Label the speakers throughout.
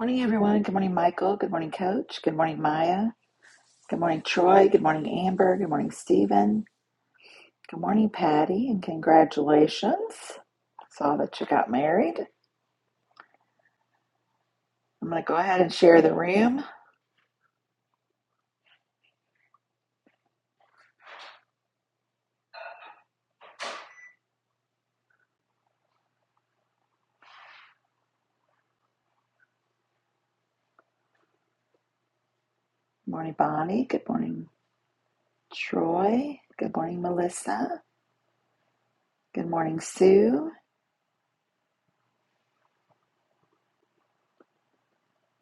Speaker 1: Morning, everyone. Good morning, Michael. Good morning, Coach. Good morning, Maya. Good morning, Troy. Good morning, Amber. Good morning, Stephen. Good morning, Patty, and congratulations. Saw that you got married. I'm going to go ahead and share the room. Good morning, Bonnie. Good morning, Troy. Good morning, Melissa. Good morning, Sue.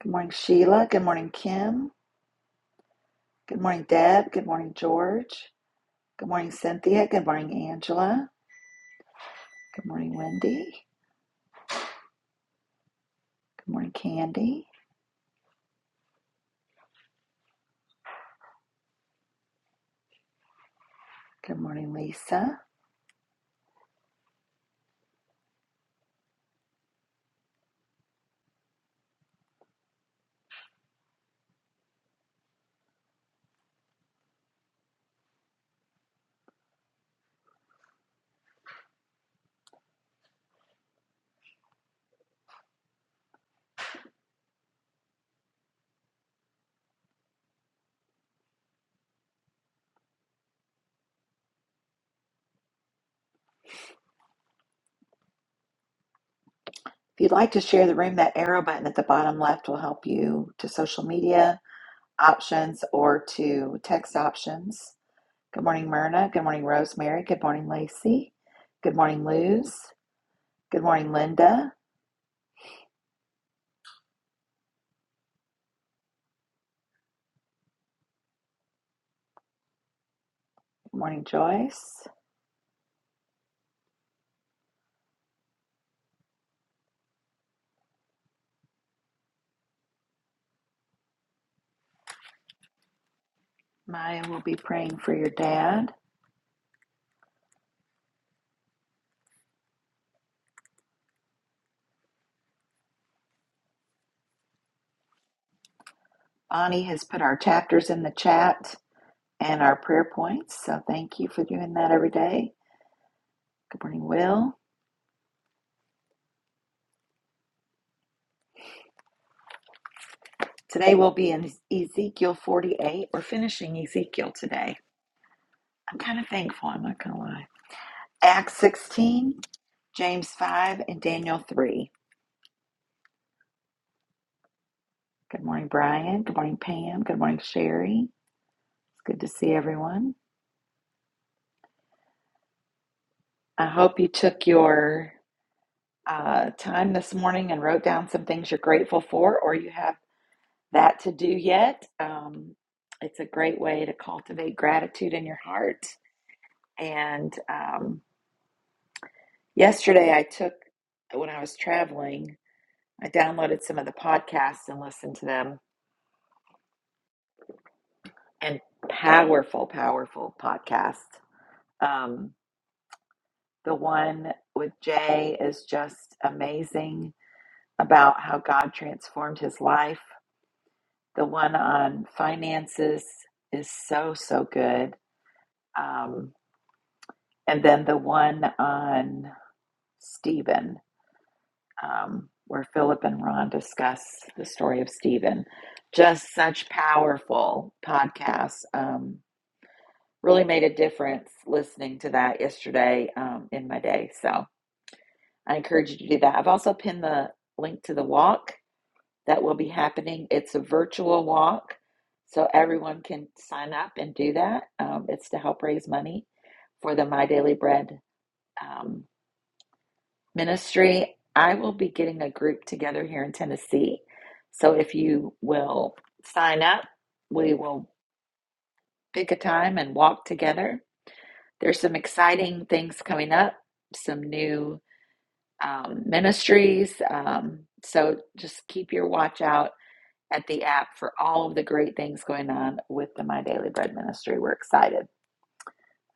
Speaker 1: Good morning, Sheila. Good morning, Kim. Good morning, Deb. Good morning, George. Good morning, Cynthia. Good morning, Angela. Good morning, Wendy. Good morning, Candy. Good morning, Lisa. If you'd like to share the room, that arrow button at the bottom left will help you to social media options or to text options. Good morning, Myrna. Good morning, Rosemary. Good morning, Lacey. Good morning, Luz. Good morning, Linda. Good morning, Joyce. Maya will be praying for your dad. Bonnie has put our chapters in the chat and our prayer points, so thank you for doing that every day. Good morning, Will. Today we'll be in Ezekiel 48. We're finishing Ezekiel today. I'm kind of thankful, I'm not going to lie. Acts 16, James 5, and Daniel 3. Good morning, Brian. Good morning, Pam. Good morning, Sherry. It's good to see everyone. I hope you took your uh, time this morning and wrote down some things you're grateful for or you have that to do yet. Um, it's a great way to cultivate gratitude in your heart. And um, yesterday, I took, when I was traveling, I downloaded some of the podcasts and listened to them and powerful, powerful podcast. Um, the one with Jay is just amazing about how God transformed his life. The one on finances is so, so good. Um, and then the one on Stephen, um, where Philip and Ron discuss the story of Stephen. Just such powerful podcasts. Um, Really made a difference listening to that yesterday um, in my day. So I encourage you to do that. I've also pinned the link to the walk that will be happening. It's a virtual walk, so everyone can sign up and do that. Um, it's to help raise money for the My Daily Bread um, ministry. I will be getting a group together here in Tennessee. So if you will sign up, we will pick a time and walk together There's some exciting things coming up, some new um, ministries. Um, so just keep your watch out at the app for all of the great things going on with the My Daily Bread Ministry. We're excited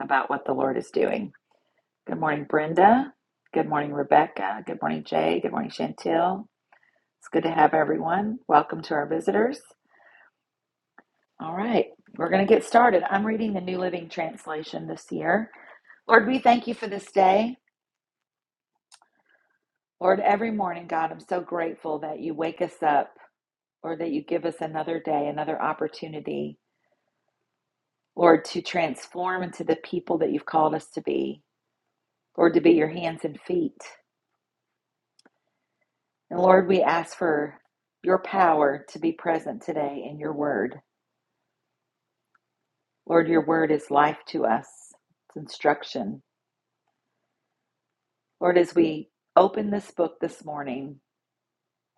Speaker 1: about what the Lord is doing. Good morning, Brenda. Good morning, Rebecca. Good morning, Jay. Good morning, Chantel. It's good to have everyone. Welcome to our visitors. All right, we're going to get started. I'm reading the New Living Translation this year. Lord, we thank you for this day. Lord, every morning, God, I'm so grateful that you wake us up or that you give us another day, another opportunity, Lord, to transform into the people that you've called us to be, Lord, to be your hands and feet. And Lord, we ask for your power to be present today in your word. Lord, your word is life to us, it's instruction. Lord, as we open this book this morning,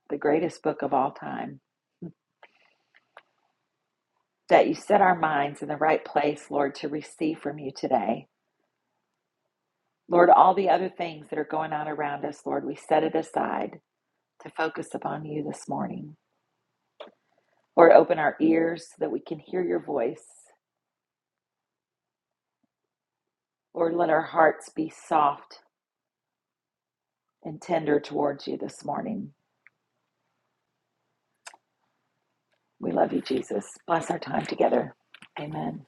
Speaker 1: the greatest book of all time, that you set our minds in the right place, Lord, to receive from you today. Lord, all the other things that are going on around us, Lord, we set it aside to focus upon you this morning. Lord, open our ears so that we can hear your voice. Lord, let our hearts be soft and tender towards you this morning. We love you, Jesus. Bless our time together. Amen.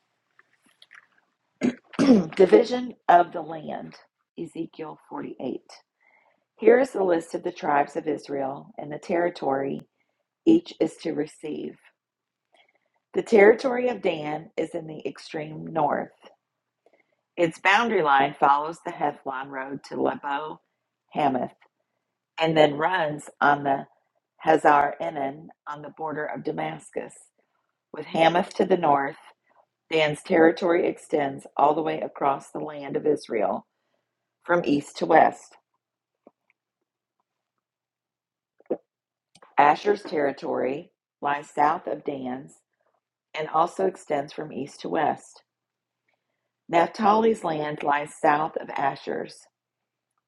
Speaker 1: Division of the land, Ezekiel 48. Here is the list of the tribes of Israel and the territory each is to receive. The territory of Dan is in the extreme north. Its boundary line follows the Hethlon Road to Lebo Hamath and then runs on the Hazar Enon on the border of Damascus. With Hamath to the north, Dan's territory extends all the way across the land of Israel from east to west. Asher's territory lies south of Dan's and also extends from east to west. Naphtali's land lies south of Asher's,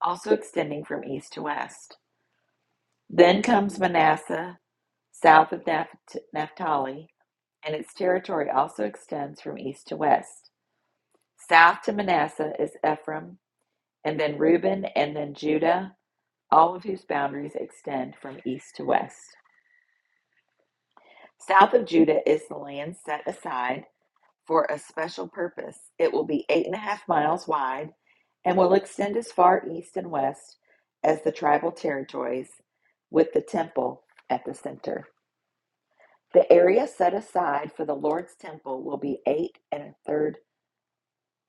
Speaker 1: also extending from east to west. Then comes Manasseh south of Naphtali, and its territory also extends from east to west. South to Manasseh is Ephraim, and then Reuben, and then Judah, all of whose boundaries extend from east to west. South of Judah is the land set aside for a special purpose. It will be eight and a half miles wide and will extend as far east and west as the tribal territories, with the temple at the center. The area set aside for the Lord's temple will be eight and a third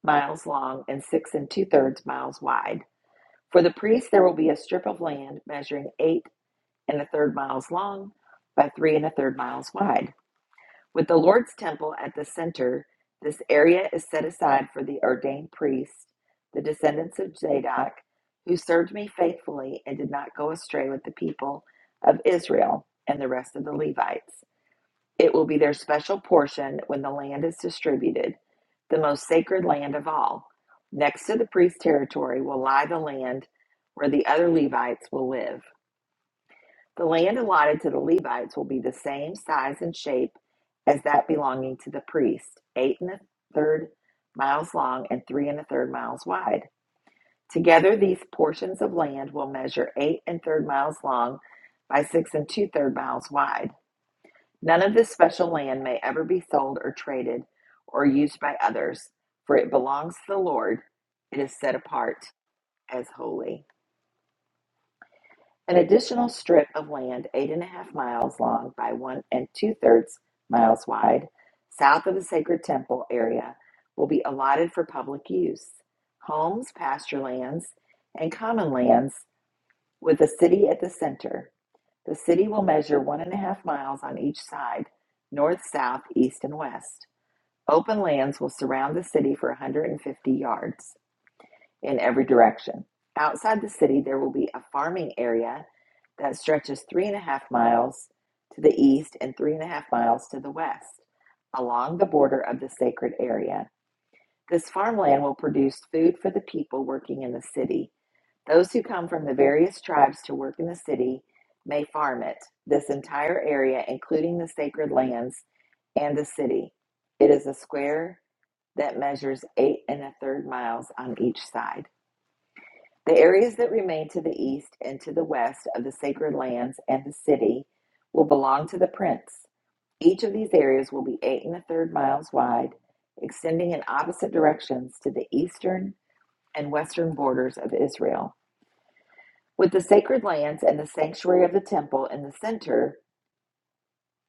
Speaker 1: miles long and six and two thirds miles wide. For the priests, there will be a strip of land measuring eight and a third miles long by three and a third miles wide. With the Lord's temple at the center, this area is set aside for the ordained priests, the descendants of Zadok, who served me faithfully and did not go astray with the people of Israel and the rest of the Levites. It will be their special portion when the land is distributed, the most sacred land of all. Next to the priest's territory will lie the land where the other Levites will live. The land allotted to the Levites will be the same size and shape as that belonging to the priest, eight and a third miles long and three and a third miles wide. Together, these portions of land will measure eight and third miles long by six and two third miles wide. None of this special land may ever be sold or traded or used by others, for it belongs to the Lord. It is set apart as holy. An additional strip of land, eight and a half miles long by one and two thirds miles wide, south of the sacred temple area, will be allotted for public use. Homes, pasture lands, and common lands with the city at the center. The city will measure one and a half miles on each side, north, south, east, and west. Open lands will surround the city for 150 yards in every direction. Outside the city, there will be a farming area that stretches three and a half miles to the east and three and a half miles to the west along the border of the sacred area. This farmland will produce food for the people working in the city. Those who come from the various tribes to work in the city may farm it, this entire area, including the sacred lands and the city. It is a square that measures eight and a third miles on each side. The areas that remain to the east and to the west of the sacred lands and the city will belong to the prince. Each of these areas will be eight and a third miles wide, extending in opposite directions to the eastern and western borders of Israel. With the sacred lands and the sanctuary of the temple in the center,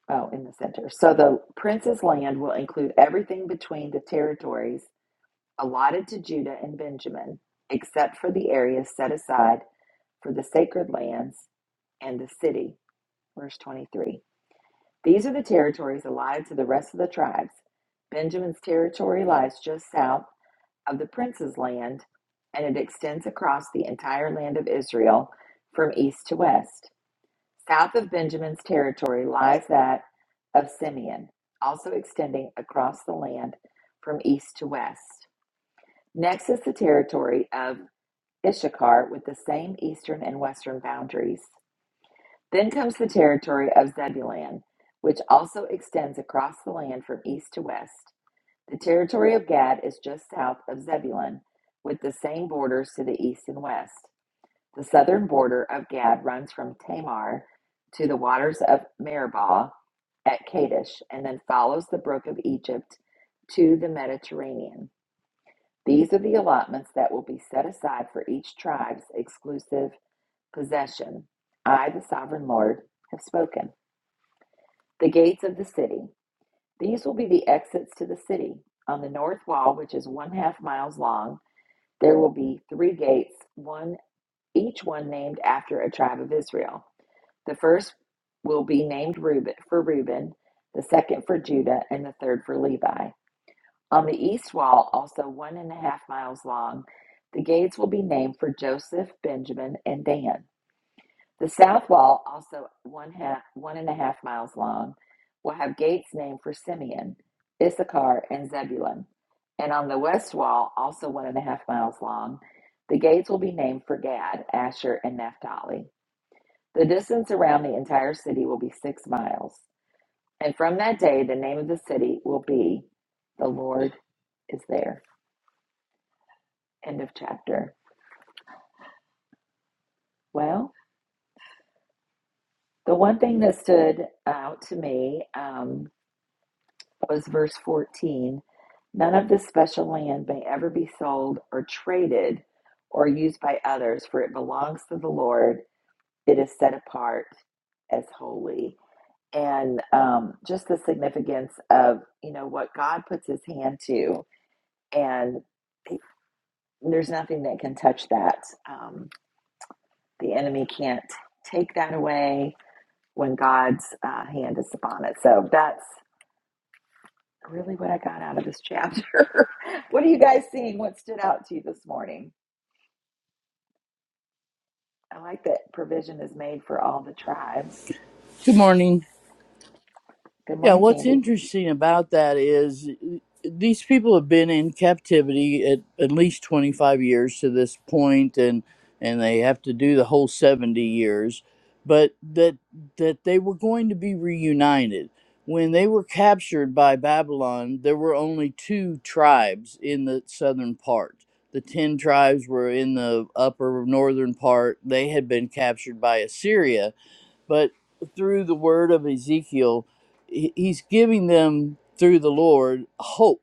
Speaker 1: oh, in the center. So the prince's land will include everything between the territories allotted to Judah and Benjamin, except for the area set aside for the sacred lands and the city. Verse 23. These are the territories allotted to the rest of the tribes. Benjamin's territory lies just south of the prince's land, and it extends across the entire land of Israel from east to west. South of Benjamin's territory lies that of Simeon, also extending across the land from east to west. Next is the territory of Issachar with the same eastern and western boundaries. Then comes the territory of Zebulun, which also extends across the land from east to west. The territory of Gad is just south of Zebulun, with the same borders to the east and west. The southern border of Gad runs from Tamar to the waters of Meribah at Kadesh, and then follows the brook of Egypt to the Mediterranean. These are the allotments that will be set aside for each tribe's exclusive possession. I, the sovereign Lord, have spoken. The gates of the city. These will be the exits to the city. On the north wall, which is one half miles long, there will be three gates, one each one named after a tribe of Israel. The first will be named Reuben for Reuben, the second for Judah, and the third for Levi. On the east wall, also one and a half miles long, the gates will be named for Joseph, Benjamin, and Dan. The south wall, also one half, one and a half miles long, will have gates named for Simeon, Issachar, and Zebulun. And on the west wall, also one and a half miles long, the gates will be named for Gad, Asher, and Naphtali. The distance around the entire city will be six miles. And from that day, the name of the city will be The Lord is There. End of chapter. Well, the one thing that stood out to me, um, was verse 14. None of this special land may ever be sold or traded or used by others, for it belongs to the Lord. It is set apart as holy. And um, just the significance of, you know, what God puts his hand to. And there's nothing that can touch that. Um, the enemy can't take that away when God's uh, hand is upon it. So that's really what I got out of this chapter. what are you guys seeing? What stood out to you this morning? I like that provision is made for all the tribes.
Speaker 2: Good morning.
Speaker 1: Good
Speaker 2: Yeah,
Speaker 1: morning,
Speaker 2: what's
Speaker 1: Candy.
Speaker 2: interesting about that is uh, these people have been in captivity at at least 25 years to this point and and they have to do the whole 70 years, but that that they were going to be reunited. When they were captured by Babylon, there were only two tribes in the southern part. The 10 tribes were in the upper northern part. They had been captured by Assyria but through the word of Ezekiel, he's giving them through the Lord hope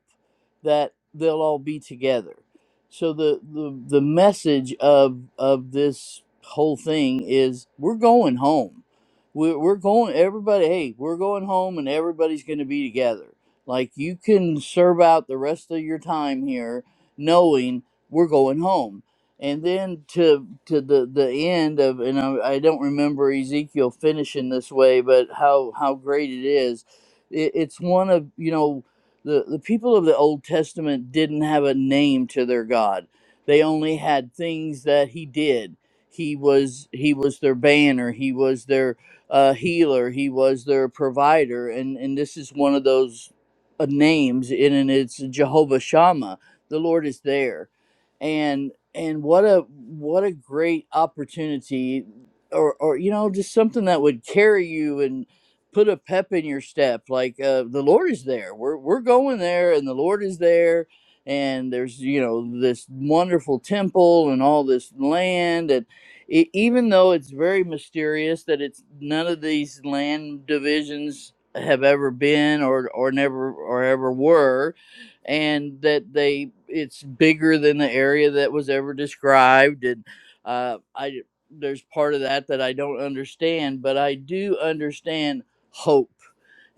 Speaker 2: that they'll all be together. So the the, the message of of this whole thing is we're going home. We're, we're going everybody. Hey, we're going home, and everybody's going to be together. Like you can serve out the rest of your time here, knowing we're going home and then to to the the end of and I, I don't remember Ezekiel finishing this way, but how how great it is. It, it's one of you know the the people of the Old Testament didn't have a name to their God. They only had things that He did. He was He was their banner. He was their uh, healer. He was their provider. And and this is one of those uh, names, and, and it's Jehovah Shammah. The Lord is there and and what a what a great opportunity or or you know just something that would carry you and put a pep in your step like uh, the lord is there we're we're going there and the lord is there and there's you know this wonderful temple and all this land and e even though it's very mysterious that it's none of these land divisions have ever been or or never or ever were and that they it's bigger than the area that was ever described and uh, I there's part of that that I don't understand, but I do understand hope.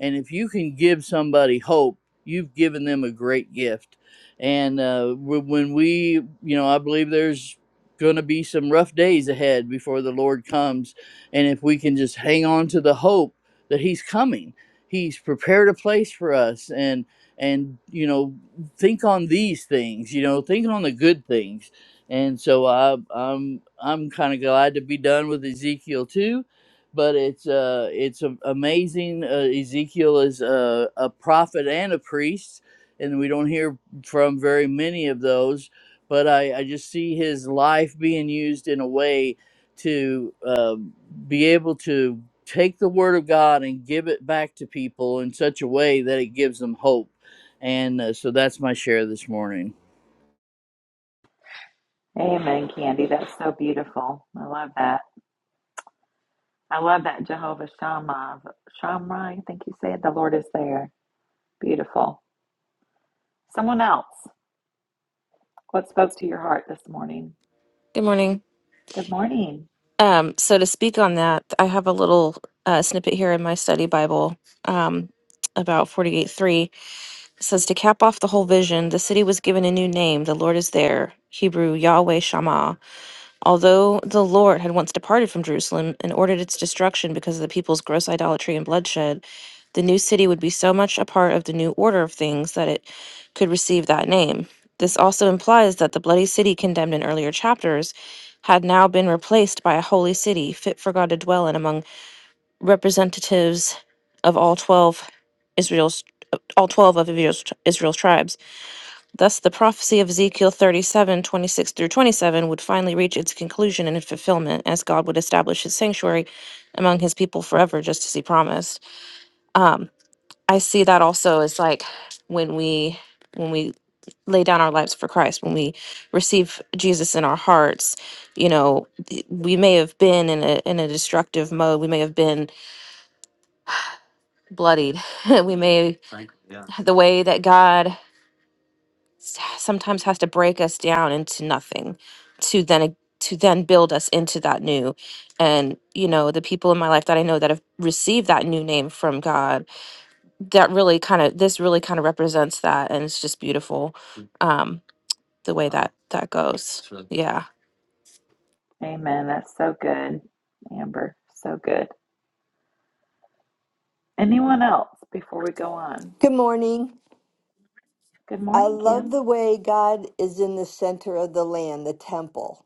Speaker 2: And if you can give somebody hope, you've given them a great gift. And uh, wh- when we, you know, I believe there's going to be some rough days ahead before the Lord comes. And if we can just hang on to the hope that He's coming, He's prepared a place for us. And and you know think on these things you know think on the good things and so I, i'm i'm kind of glad to be done with ezekiel too but it's uh it's a- amazing uh, ezekiel is a, a prophet and a priest and we don't hear from very many of those but i i just see his life being used in a way to uh, be able to take the word of god and give it back to people in such a way that it gives them hope and uh, so that's my share this morning.
Speaker 1: Amen, Candy. That's so beautiful. I love that. I love that Jehovah Shammah. Shammah, I think you said the Lord is there. Beautiful. Someone else. What spoke to your heart this morning?
Speaker 3: Good morning.
Speaker 1: Good morning.
Speaker 3: Um, so to speak on that, I have a little uh, snippet here in my study Bible um, about 48.3. It says, To cap off the whole vision, the city was given a new name. The Lord is there. Hebrew, Yahweh Shammah. Although the Lord had once departed from Jerusalem and ordered its destruction because of the people's gross idolatry and bloodshed, the new city would be so much a part of the new order of things that it could receive that name. This also implies that the bloody city condemned in earlier chapters had now been replaced by a holy city fit for God to dwell in among representatives of all 12 Israel's all 12 of Israel's, Israel's tribes. Thus, the prophecy of Ezekiel 37 26 through 27 would finally reach its conclusion and fulfillment as God would establish his sanctuary among his people forever, just as he promised. Um, I see that also as like when we when we lay down our lives for Christ, when we receive Jesus in our hearts, you know, th- we may have been in a in a destructive mode. We may have been bloodied. we may the way that God s- sometimes has to break us down into nothing to then a- to then build us into that new and you know the people in my life that i know that have received that new name from god that really kind of this really kind of represents that and it's just beautiful um the way that that goes Sure. yeah
Speaker 1: Amen. That's so good. Amber, so good. Anyone else before we go on?
Speaker 4: Good morning.
Speaker 1: Good
Speaker 4: I
Speaker 1: morning,
Speaker 4: love
Speaker 1: Kim.
Speaker 4: the way God is in the center of the land, the temple.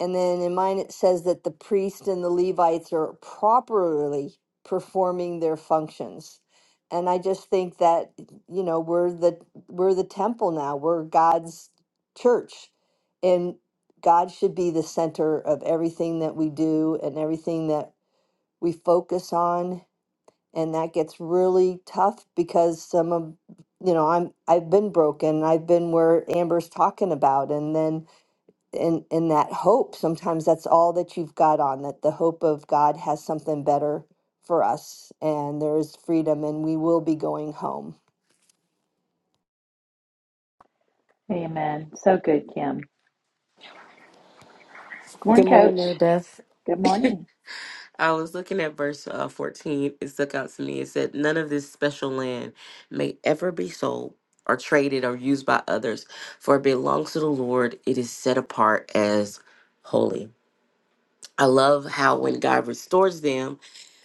Speaker 4: And then in mine, it says that the priest and the Levites are properly performing their functions. And I just think that, you know, we're the we're the temple now. We're God's church. And God should be the center of everything that we do and everything that we focus on and that gets really tough because some of you know i'm i've been broken i've been where amber's talking about and then in in that hope sometimes that's all that you've got on that the hope of god has something better for us and there is freedom and we will be going home
Speaker 1: Amen. So good, Kim. Good
Speaker 5: Good
Speaker 1: morning,
Speaker 5: morning,
Speaker 1: Coach.
Speaker 5: Mary Beth.
Speaker 1: Good morning.
Speaker 5: I was looking at verse uh, 14. It stuck out to me. It said, None of this special land may ever be sold or traded or used by others, for it belongs to the Lord. It is set apart as holy. I love how when God restores them,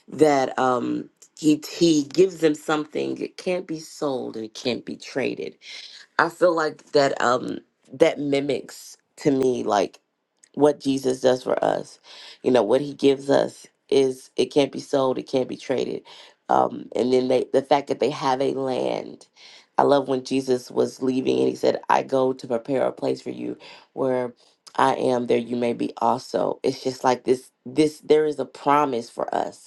Speaker 5: that um, he, he gives them something that can't be sold and it can't be traded. I feel like that um that mimics to me like what Jesus does for us. You know, what he gives us is it can't be sold, it can't be traded. Um and then they the fact that they have a land. I love when Jesus was leaving and he said, I go to prepare a place for you where I am there you may be also. It's just like this this there is a promise for us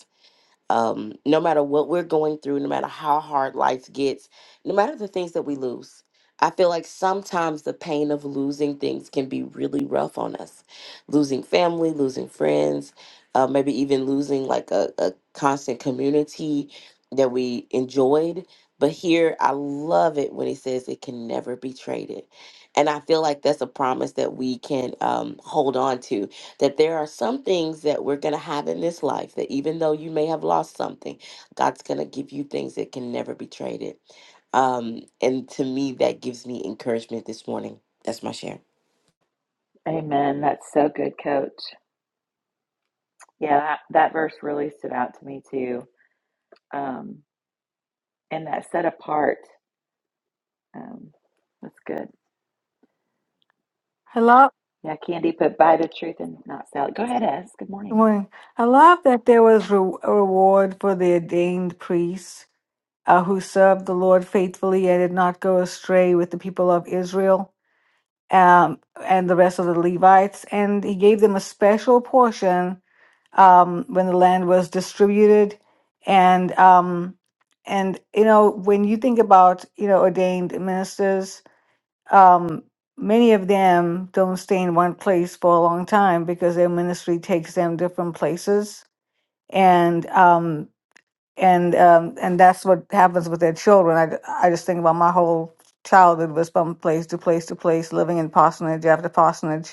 Speaker 5: um, no matter what we're going through, no matter how hard life gets, no matter the things that we lose. I feel like sometimes the pain of losing things can be really rough on us. Losing family, losing friends, uh, maybe even losing like a, a constant community that we enjoyed. But here, I love it when he says it can never be traded. And I feel like that's a promise that we can um, hold on to that there are some things that we're going to have in this life that even though you may have lost something, God's going to give you things that can never be traded. Um, and to me, that gives me encouragement this morning. That's my share.
Speaker 1: Amen. That's so good, Coach. Yeah, that, that verse really stood out to me too. Um, and that set apart. Um, that's good.
Speaker 6: I love
Speaker 1: Yeah, Candy put buy the truth and not sell it. Go ahead, Ez. Good morning.
Speaker 6: when I love that there was re- a reward for the ordained priests uh, who served the Lord faithfully and did not go astray with the people of Israel um, and the rest of the Levites. And he gave them a special portion um, when the land was distributed. And um, and you know when you think about you know ordained ministers um, many of them don't stay in one place for a long time because their ministry takes them different places, and um, and um, and that's what happens with their children. I, ju- I just think about my whole childhood was from place to place to place, living in parsonage after parsonage,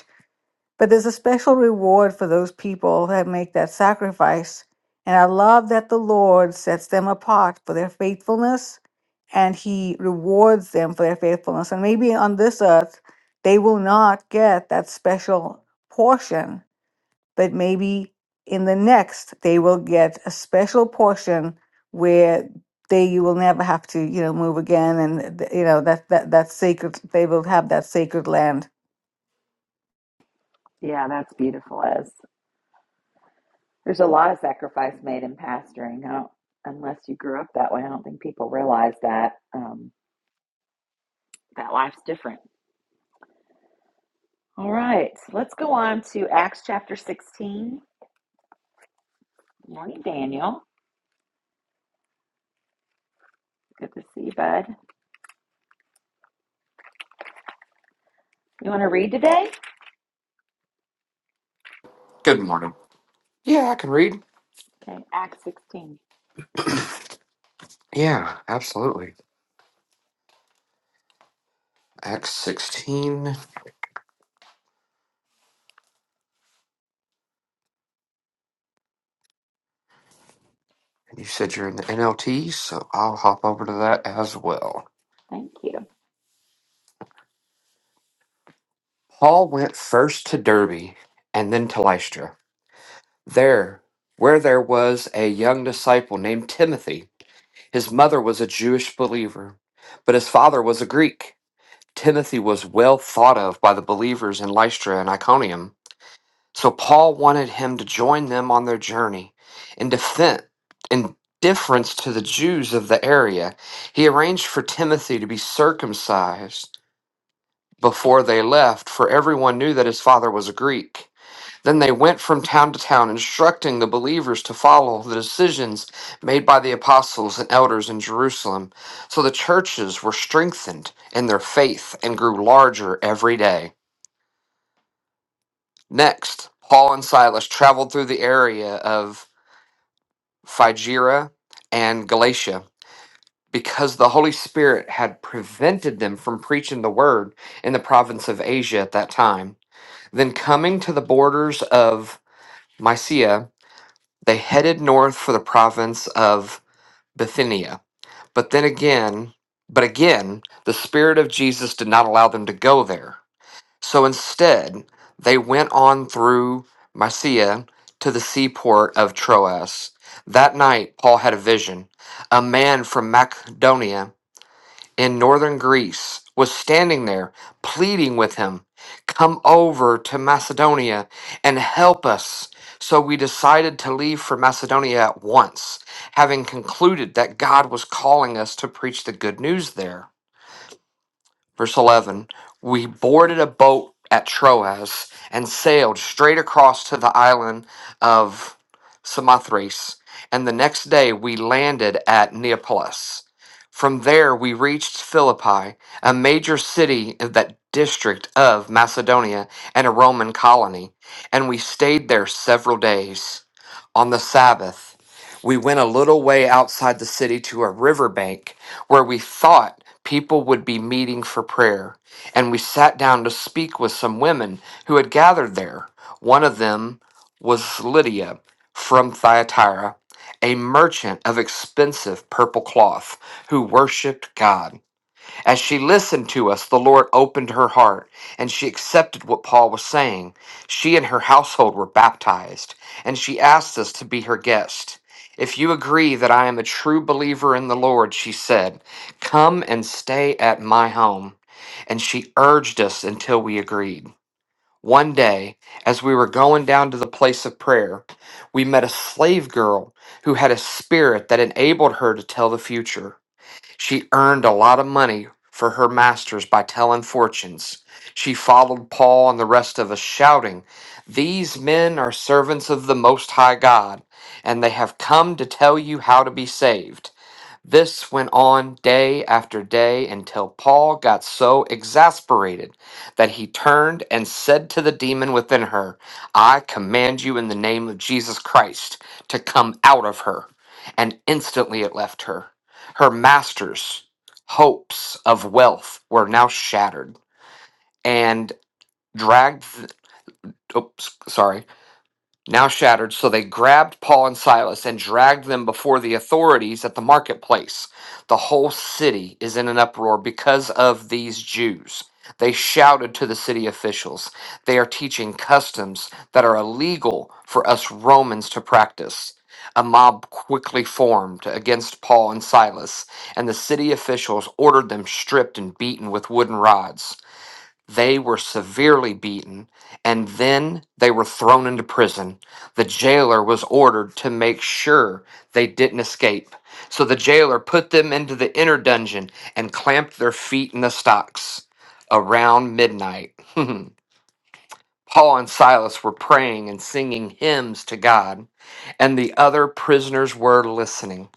Speaker 6: but there's a special reward for those people that make that sacrifice. And I love that the Lord sets them apart for their faithfulness and He rewards them for their faithfulness. And maybe on this earth, they will not get that special portion, but maybe in the next, they will get a special portion where they you will never have to you know move again and you know that that that sacred they will have that sacred land
Speaker 1: Yeah, that's beautiful, Ez. There's a lot of sacrifice made in pastoring. I don't, unless you grew up that way, I don't think people realize that um, that life's different. All right, let's go on to Acts chapter 16. Morning, Daniel. Good to see you, bud. You want to read today?
Speaker 7: Good morning. Yeah, I can read.
Speaker 1: Okay, Acts 16.
Speaker 7: Yeah, absolutely. Acts 16. And you said you're in the NLT, so I'll hop over to that as well.
Speaker 1: Thank you.
Speaker 7: Paul went first to Derbe and then to Lystra. There, where there was a young disciple named Timothy. His mother was a Jewish believer, but his father was a Greek. Timothy was well thought of by the believers in Lystra and Iconium. So Paul wanted him to join them on their journey. In defense, in deference to the Jews of the area, he arranged for Timothy to be circumcised before they left, for everyone knew that his father was a Greek. Then they went from town to town, instructing the believers to follow the decisions made by the apostles and elders in Jerusalem. So the churches were strengthened in their faith and grew larger every day. Next, Paul and Silas traveled through the area of Phrygia, and Galatia, because the Holy Spirit had prevented them from preaching the word in the province of Asia at that time. Then, coming to the borders of Mysia, they headed north for the province of Bithynia. But then again, but again, the Spirit of Jesus did not allow them to go there. So instead, they went on through Mysia to the seaport of Troas. That night, Paul had a vision. A man from Macedonia in northern Greece was standing there pleading with him, Come over to Macedonia and help us. So we decided to leave for Macedonia at once, having concluded that God was calling us to preach the good news there. Verse 11 We boarded a boat at Troas and sailed straight across to the island of Samothrace, and the next day we landed at Neapolis. From there we reached Philippi, a major city of that district of Macedonia and a Roman colony, and we stayed there several days on the Sabbath. We went a little way outside the city to a riverbank where we thought people would be meeting for prayer, and we sat down to speak with some women who had gathered there. One of them was Lydia from Thyatira, a merchant of expensive purple cloth who worshiped God. As she listened to us, the Lord opened her heart and she accepted what Paul was saying. She and her household were baptized, and she asked us to be her guest. If you agree that I am a true believer in the Lord, she said, come and stay at my home. And she urged us until we agreed. One day, as we were going down to the place of prayer, we met a slave girl who had a spirit that enabled her to tell the future. She earned a lot of money for her masters by telling fortunes. She followed Paul and the rest of us, shouting, These men are servants of the Most High God, and they have come to tell you how to be saved. This went on day after day until Paul got so exasperated that he turned and said to the demon within her, I command you in the name of Jesus Christ to come out of her. And instantly it left her. Her master's hopes of wealth were now shattered and dragged. Oops, sorry now shattered, so they grabbed Paul and Silas and dragged them before the authorities at the marketplace. The whole city is in an uproar because of these Jews. They shouted to the city officials, They are teaching customs that are illegal for us Romans to practice. A mob quickly formed against Paul and Silas, and the city officials ordered them stripped and beaten with wooden rods. They were severely beaten, and then they were thrown into prison. The jailer was ordered to make sure they didn't escape. So the jailer put them into the inner dungeon and clamped their feet in the stocks. Around midnight, Paul and Silas were praying and singing hymns to God, and the other prisoners were listening.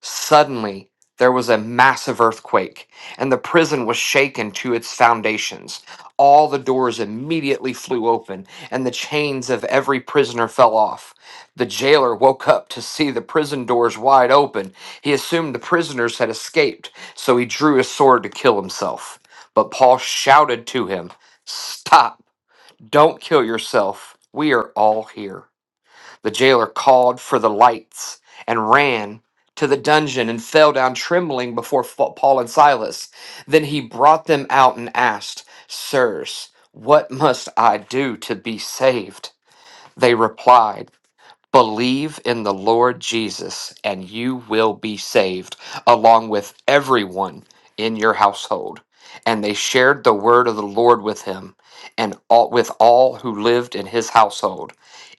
Speaker 7: Suddenly, there was a massive earthquake, and the prison was shaken to its foundations. All the doors immediately flew open, and the chains of every prisoner fell off. The jailer woke up to see the prison doors wide open. He assumed the prisoners had escaped, so he drew his sword to kill himself. But Paul shouted to him, Stop! Don't kill yourself. We are all here. The jailer called for the lights and ran to the dungeon and fell down trembling before Fa- Paul and Silas. Then he brought them out and asked, Sirs, what must I do to be saved? They replied, Believe in the Lord Jesus, and you will be saved, along with everyone in your household. And they shared the word of the Lord with him and all, with all who lived in his household.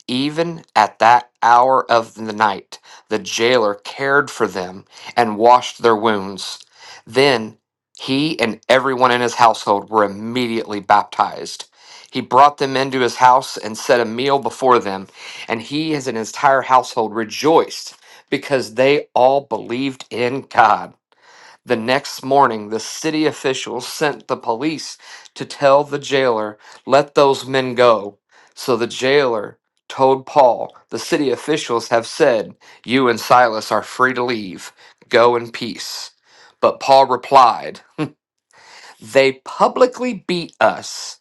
Speaker 7: Even at that hour of the night, the jailer cared for them and washed their wounds. Then he and everyone in his household were immediately baptized. He brought them into his house and set a meal before them, and he and his entire household rejoiced because they all believed in God. The next morning, the city officials sent the police to tell the jailer, let those men go. So the jailer told Paul, the city officials have said, you and Silas are free to leave. Go in peace. But Paul replied, they publicly beat us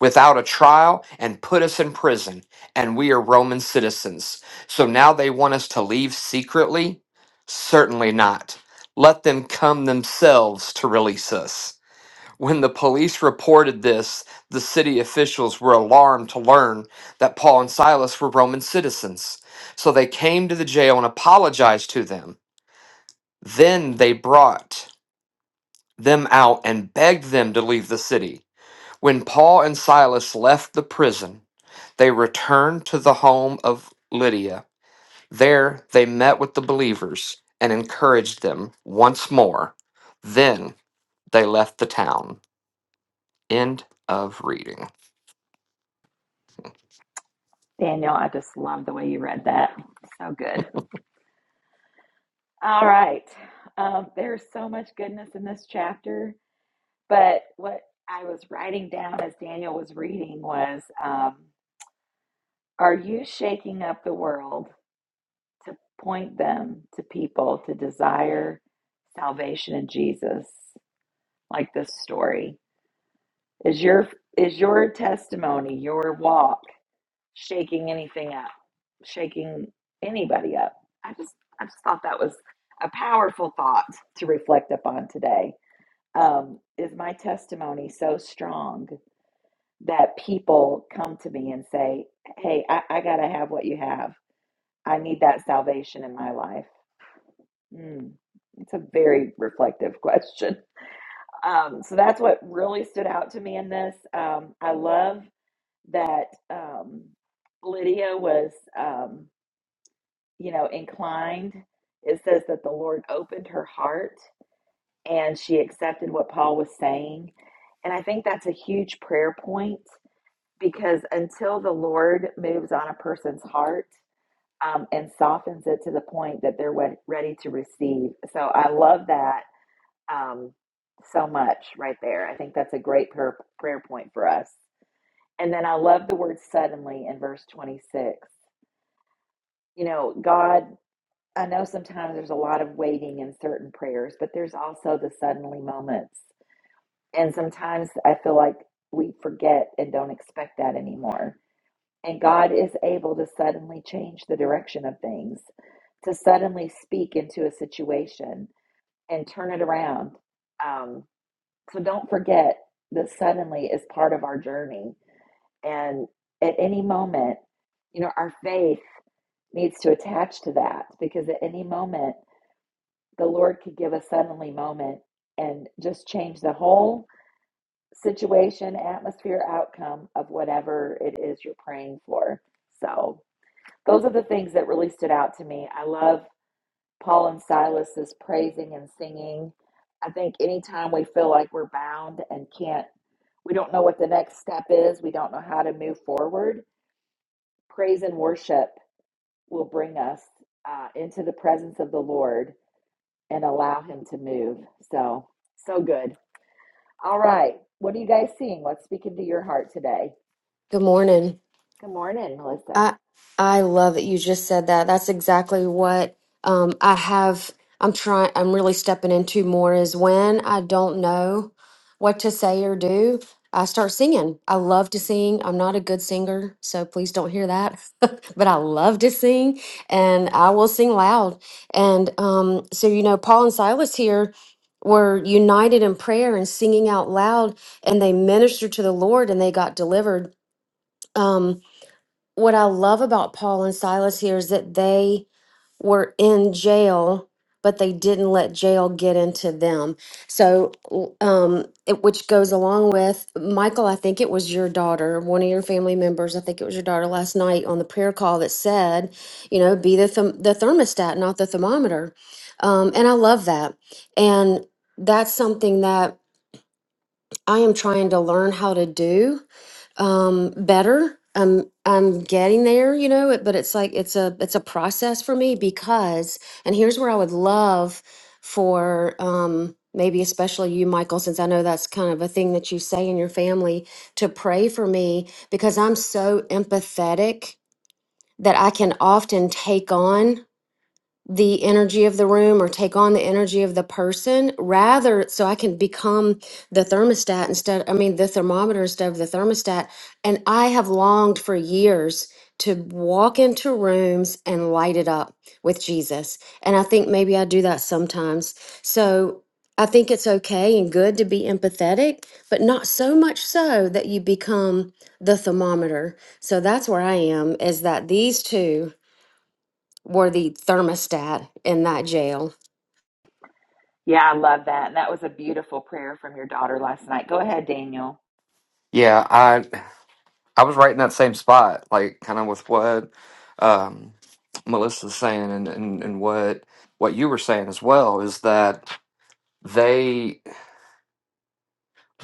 Speaker 7: without a trial and put us in prison, and we are Roman citizens. So now they want us to leave secretly? Certainly not. Let them come themselves to release us. When the police reported this, the city officials were alarmed to learn that Paul and Silas were Roman citizens. So they came to the jail and apologized to them. Then they brought them out and begged them to leave the city. When Paul and Silas left the prison, they returned to the home of Lydia. There they met with the believers and encouraged them once more. Then they left the town. End of reading.
Speaker 1: Daniel, I just love the way you read that. So good. All right. Um, there's so much goodness in this chapter, but what I was writing down as Daniel was reading was um, Are you shaking up the world to point them to people to desire salvation in Jesus, like this story? Is your is your testimony, your walk shaking anything up? Shaking anybody up? I just I just thought that was a powerful thought to reflect upon today. Um, is my testimony so strong that people come to me and say, "Hey, I, I got to have what you have. I need that salvation in my life." Mm, it's a very reflective question. Um, so that's what really stood out to me in this. Um, I love that um, Lydia was, um, you know, inclined. It says that the Lord opened her heart and she accepted what Paul was saying. And I think that's a huge prayer point because until the Lord moves on a person's heart um, and softens it to the point that they're wed- ready to receive. So I love that um, so much right there. I think that's a great prayer, prayer point for us. And then I love the word suddenly in verse 26. You know, God, I know sometimes there's a lot of waiting in certain prayers, but there's also the suddenly moments. And sometimes I feel like we forget and don't expect that anymore. And God is able to suddenly change the direction of things, to suddenly speak into a situation and turn it around. Um, so don't forget that suddenly is part of our journey And at any moment, you know, our faith needs to attach to that because at any moment, the Lord could give a suddenly moment and just change the whole situation, atmosphere, outcome of whatever it is you're praying for. So, those are the things that really stood out to me. I love Paul and Silas's praising and singing. I think anytime we feel like we're bound and can't, we don't know what the next step is, we don't know how to move forward Praise and worship will bring us uh, into the presence of the Lord and allow Him to move. So, so good. All right. What are you guys seeing? What's speaking to your heart today?
Speaker 8: Good morning.
Speaker 1: Good morning, Melissa.
Speaker 8: I I love that you just said that. That's exactly what um, I have. I'm trying. I'm really stepping into more is when I don't know what to say or do. I start singing. I love to sing. I'm not a good singer, so please don't hear that. but I love to sing, and I will sing loud. And um, so you know, Paul and Silas here were united in prayer and singing out loud, and they ministered to the Lord, and they got delivered. Um, what I love about Paul and Silas here is that they were in jail, but they didn't let jail get into them. So, l- um, it, which goes along with Michael, I think it was your daughter, one of your family members, I think it was your daughter last night on the prayer call that said, you know, be the, therm- the thermostat, not the thermometer. Um, and I love that. And that's something that I am trying to learn how to do um better i'm i'm getting there you know it- but it's like it's a it's a process for me because and here's where i would love for um maybe especially you michael since i know that's kind of a thing that you say in your family to pray for me because i'm so empathetic that i can often take on the energy of the room or take on the energy of the person rather so I can become the thermostat instead I mean the thermometer instead of the thermostat and I have longed for years to walk into rooms and light it up with Jesus and I think maybe I do that sometimes so I think it's okay and good to be empathetic but not so much so that you become the thermometer so that's where I am is that these two were the thermostat in that jail
Speaker 1: Yeah, I love that. And that was a beautiful prayer from your daughter last night. Go ahead, Daniel.
Speaker 7: Yeah, I I was right in that same spot, like kind of with what um, Melissa's saying and, and, and what what you were saying as well is that they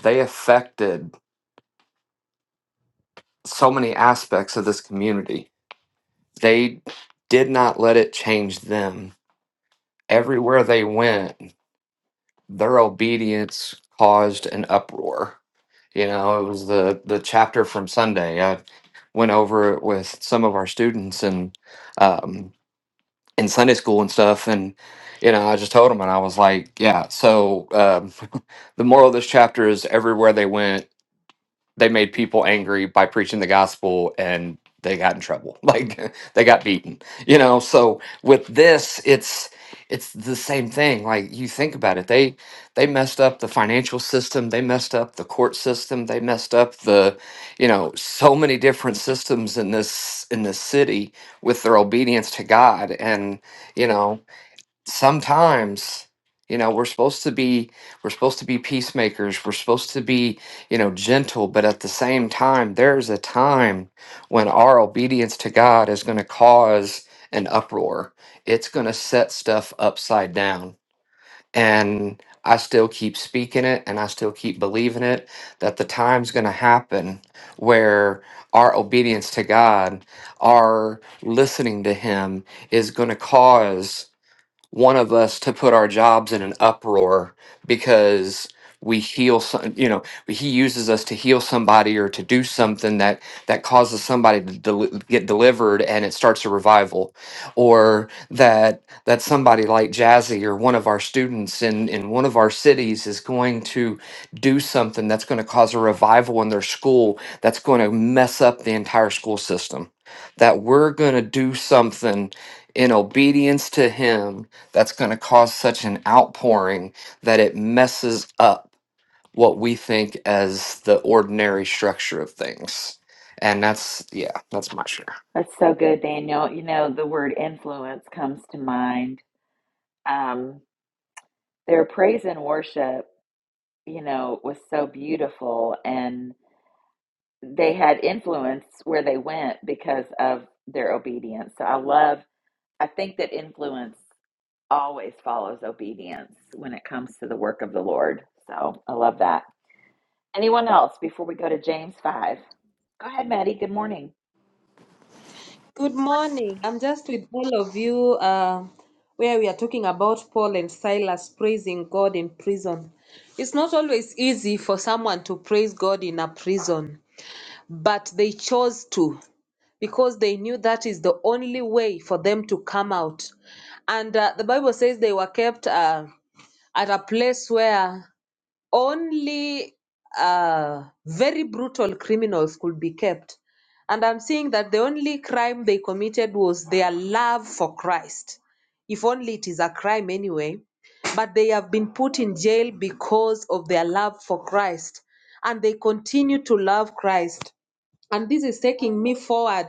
Speaker 7: they affected so many aspects of this community they did not let it change them. Everywhere they went, their obedience caused an uproar. You know, it was the the chapter from Sunday. I went over it with some of our students and um, in Sunday school and stuff, and you know, I just told them, and I was like, yeah. So um, the moral of this chapter is everywhere they went they made people angry by preaching the gospel and they got in trouble like they got beaten you know so with this it's it's the same thing like you think about it they they messed up the financial system they messed up the court system they messed up the you know so many different systems in this in this city with their obedience to god and you know sometimes you know we're supposed to be we're supposed to be peacemakers we're supposed to be you know gentle but at the same time there's a time when our obedience to god is going to cause an uproar it's going to set stuff upside down and i still keep speaking it and i still keep believing it that the time's going to happen where our obedience to god our listening to him is going to cause one of us to put our jobs in an uproar because we heal some you know he uses us to heal somebody or to do something that that causes somebody to del- get delivered and it starts a revival or that that somebody like jazzy or one of our students in in one of our cities is going to do something that's going to cause a revival in their school that's going to mess up the entire school system that we're going to do something in obedience to him that's going to cause such an outpouring that it messes up what we think as the ordinary structure of things. And that's, yeah, that's my share.
Speaker 1: That's so good, Daniel. You know, the word influence comes to mind. Um, their praise and worship, you know, was so beautiful. And they had influence where they went because of their obedience. So I love, I think that influence always follows obedience when it comes to the work of the Lord. So I love that. Anyone else before we go to James 5? Go ahead, Maddie. Good morning.
Speaker 9: Good morning. I'm just with all of you uh, where we are talking about Paul and Silas praising God in prison. It's not always easy for someone to praise God in a prison, but they chose to because they knew that is the only way for them to come out. And uh, the Bible says they were kept uh, at a place where only uh, very brutal criminals could be kept. And I'm seeing that the only crime they committed was their love for Christ, if only it is a crime anyway. But they have been put in jail because of their love for Christ, and they continue to love Christ. And this is taking me forward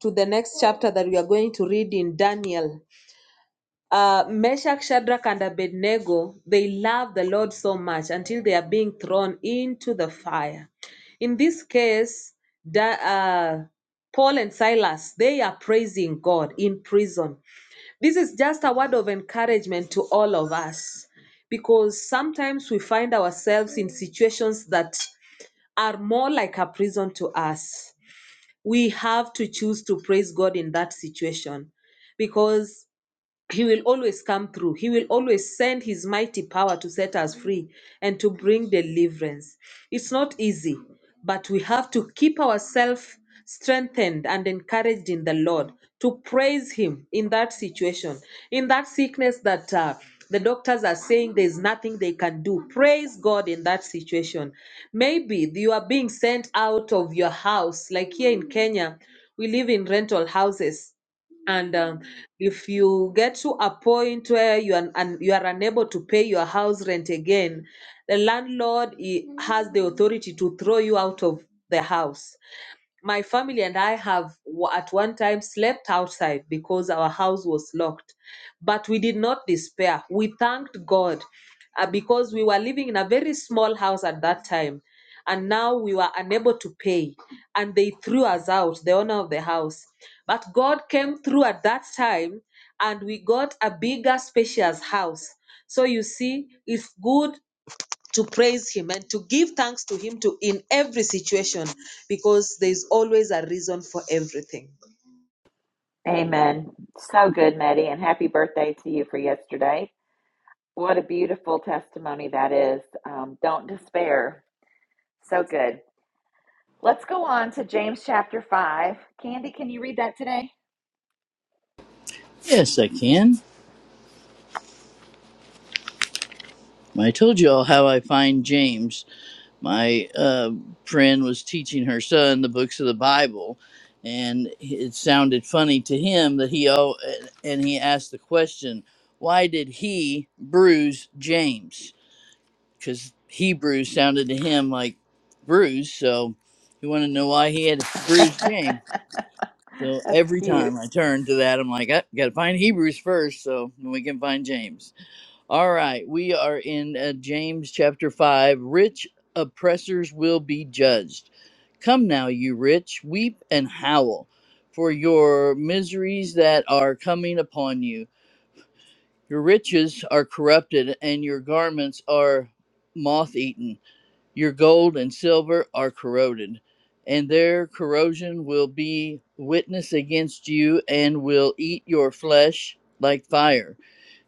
Speaker 9: to the next chapter that we are going to read in Daniel. Uh, Meshach, Shadrach, and Abednego, they love the Lord so much until they are being thrown into the fire. In this case, Da- uh, Paul and Silas, they are praising God in prison. This is just a word of encouragement to all of us because sometimes we find ourselves in situations that are more like a prison to us. We have to choose to praise God in that situation because he will always come through. He will always send his mighty power to set us free and to bring deliverance. It's not easy, but we have to keep ourselves strengthened and encouraged in the Lord to praise Him in that situation, in that sickness that uh, the doctors are saying there's nothing they can do. Praise God in that situation. Maybe you are being sent out of your house, like here in Kenya, we live in rental houses and um, if you get to a point where you are and you are unable to pay your house rent again the landlord he has the authority to throw you out of the house my family and I have w- at one time slept outside because our house was locked. But we did not despair. We thanked God uh, because we were living in a very small house at that time. And now we were unable to pay. And they threw us out, the owner of the house. But God came through at that time and we got a bigger, spacious house. So you see, it's good to praise him and to give thanks to him to in every situation because there's always a reason for everything
Speaker 1: Amen. So good, Maddie, and happy birthday to you for yesterday. What a beautiful testimony that is. Um, don't despair. So good. Let's go on to James chapter 5. Candy, can you read that today?
Speaker 2: Yes, I can. I told you all how I find James. My uh, friend was teaching her son the books of the Bible, and it sounded funny to him that he oh, and he asked the question, "Why did he bruise James?" Because Hebrew sounded to him like bruise, so he wanted to know why he had to bruise James. So
Speaker 1: That's
Speaker 2: every
Speaker 1: cute.
Speaker 2: time I turn to that, I'm like, I gotta find Hebrews first, so we can find James. All right, we are in uh, James chapter 5. Rich oppressors will be judged. Come now, you rich, weep and howl for your miseries that are coming upon you. Your riches are corrupted, and your garments are moth eaten. Your gold and silver are corroded, and their corrosion will be witness against you and will eat your flesh like fire.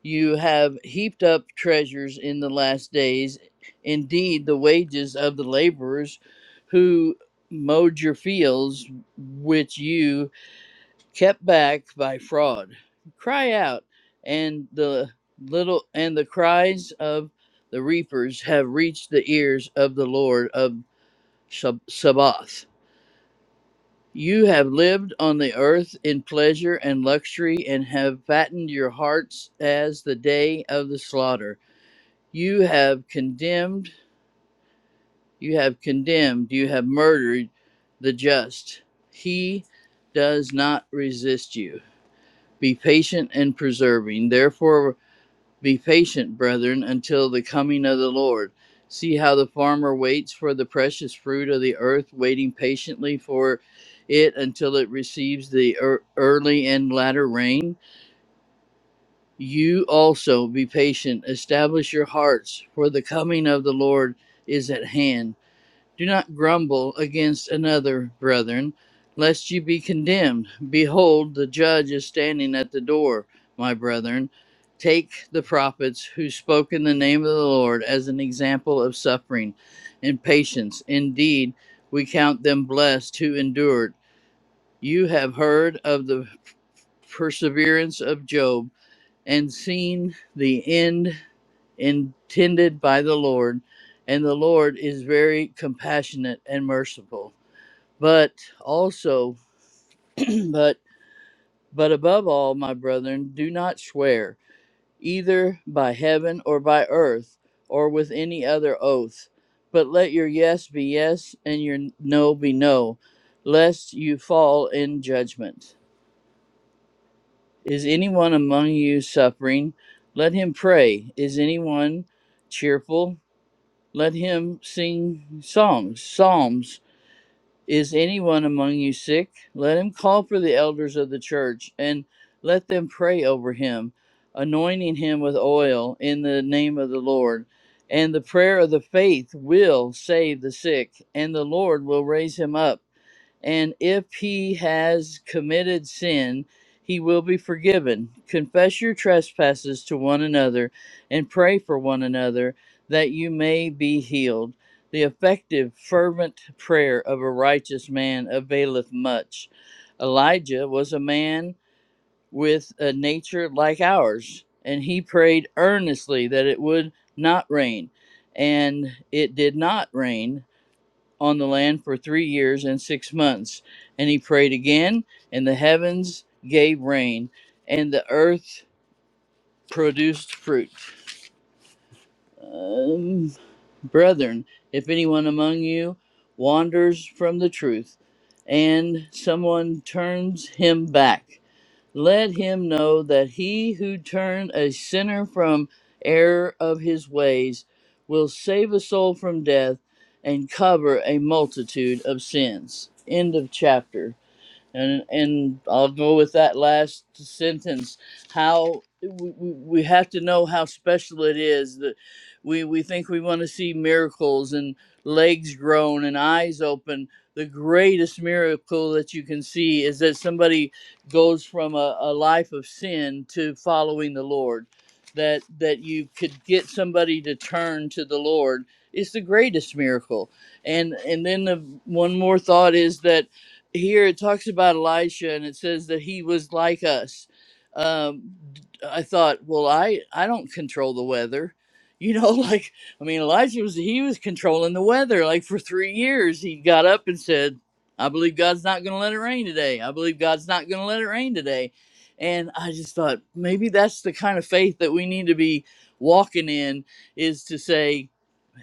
Speaker 2: You have heaped up treasures in the last days. Indeed, the wages of the laborers who mowed your fields, which you kept back by fraud cry out and the little and the cries of the reapers have reached the ears of the lord of Sab- sabbath you have lived on the earth in pleasure and luxury and have fattened your hearts as the day of the slaughter you have condemned you have condemned you have murdered the just he does not resist you Be patient in preserving. Therefore, be patient, brethren, until the coming of the Lord. See how the farmer waits for the precious fruit of the earth, waiting patiently for it until it receives the ear- early and latter rain. You also be patient, establish your hearts, for the coming of the Lord is at hand. Do not grumble against another, brethren, lest you be condemned. Behold, the judge is standing at the door, my brethren. Take the prophets who spoke in the name of the Lord as an example of suffering and patience. Indeed, we count them blessed who endured. You have heard of the perseverance of Job and seen the end intended by the Lord, and the Lord is very compassionate and merciful. But also, but but above all, my brethren, do not swear either by heaven or by earth or with any other oath, but let your yes be yes and your no be no, lest you fall in judgment. Is anyone among you suffering? Let him pray. Is anyone cheerful? let him sing songs, psalms. Is anyone among you sick? Let him call for the elders of the church and let them pray over him, anointing him with oil in the name of the Lord. And the prayer of the faith will save the sick, and the Lord will raise him up and if he has committed sin, he will be forgiven. Confess your trespasses to one another and pray for one another that you may be healed. The effective, fervent prayer of a righteous man availeth much. Elijah was a man with a nature like ours, and he prayed earnestly that it would not rain. And it did not rain, on the land for three years and six months. And he prayed again, and the heavens gave rain, and the earth produced fruit. Um, brethren, if anyone among you wanders from the truth, and someone turns him back, let him know that he who turned a sinner from error of his ways will save a soul from death and cover a multitude of sins. End of chapter and and I'll go with that last sentence. How we, we we have to know how special it is that we we think we want to see miracles and legs grown and eyes open. The greatest miracle that you can see is that somebody goes from a, a life of sin to following the Lord. That that you could get somebody to turn to the Lord is the greatest miracle. And and then the one more thought is that here it talks about Elisha and it says that he was like us. Um, I thought, well, I I don't control the weather, you know. Like I mean, Elijah was he was controlling the weather. Like for three years, he got up and said, "I believe God's not going to let it rain today. I believe God's not going to let it rain today." And I just thought maybe that's the kind of faith that we need to be walking in is to say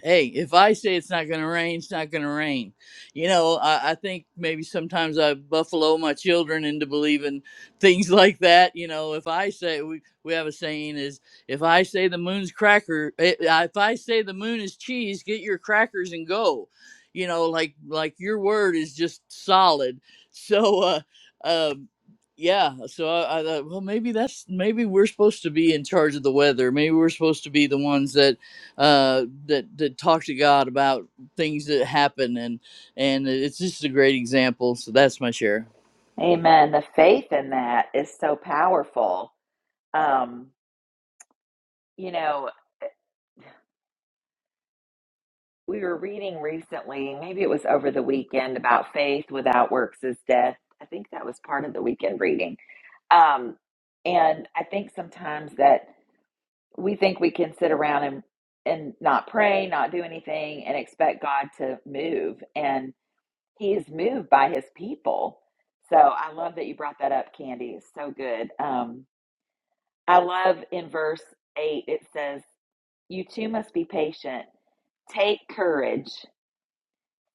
Speaker 2: hey, if I say it's not going to rain, it's not going to rain. You know, I, I think maybe sometimes I buffalo my children into believing things like that. You know, if I say we, we have a saying is if I say the moon's cracker, eh, eh, if I say the moon is cheese, get your crackers and go. You know, like like your word is just solid. So, uh, um, yeah. So I, I thought, well, maybe that's maybe we're supposed to be in charge of the weather. Maybe we're supposed to be the ones that uh, that that talk to God about things that happen, and and it's just a great example. So that's my share.
Speaker 1: Amen. The faith in that is so powerful. Um, you know, we were reading recently, maybe it was over the weekend, about faith without works is death. I think that was part of the weekend reading. Um, and I think sometimes that we think we can sit around and and not pray, not do anything, and expect God to move. And He is moved by His people. So I love that you brought that up, Candy. It's so good. Um, I love in verse 8, it says, You too must be patient. Take courage,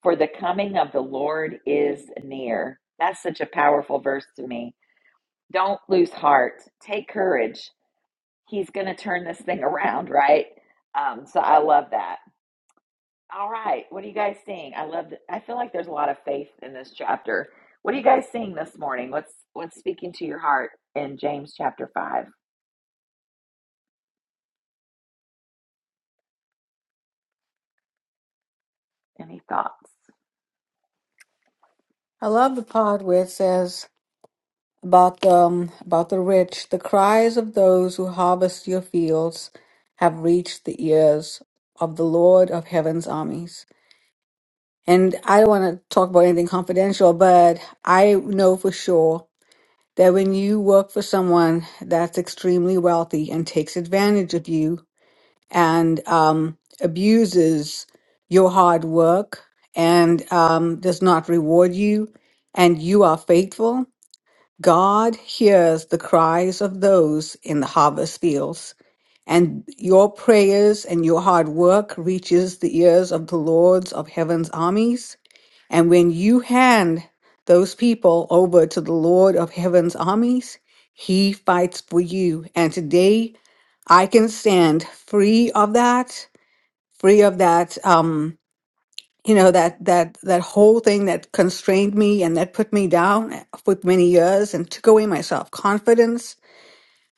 Speaker 1: for the coming of the Lord is near. That's such a powerful verse to me. Don't lose heart. Take courage. He's going to turn this thing around, right? Um, so I love that. All right. What are you guys seeing? I love I feel like there's a lot of faith in this chapter. What are you guys seeing this morning? What's what's speaking to your heart in James chapter 5? Any thoughts?
Speaker 6: I love the part where it says about the um, about the rich. The cries of those who harvest your fields have reached the ears of the Lord of Heaven's armies. And I don't want to talk about anything confidential, but I know for sure that when you work for someone that's extremely wealthy and takes advantage of you, and um, abuses your hard work and um, does not reward you, and you are faithful, God hears the cries of those in the harvest fields. And your prayers and your hard work reaches the ears of the lords of heaven's armies. And when you hand those people over to the Lord of heaven's armies, he fights for you. And today I can stand free of that free of that um you know that that that whole thing that constrained me and that put me down for many years and took away my self confidence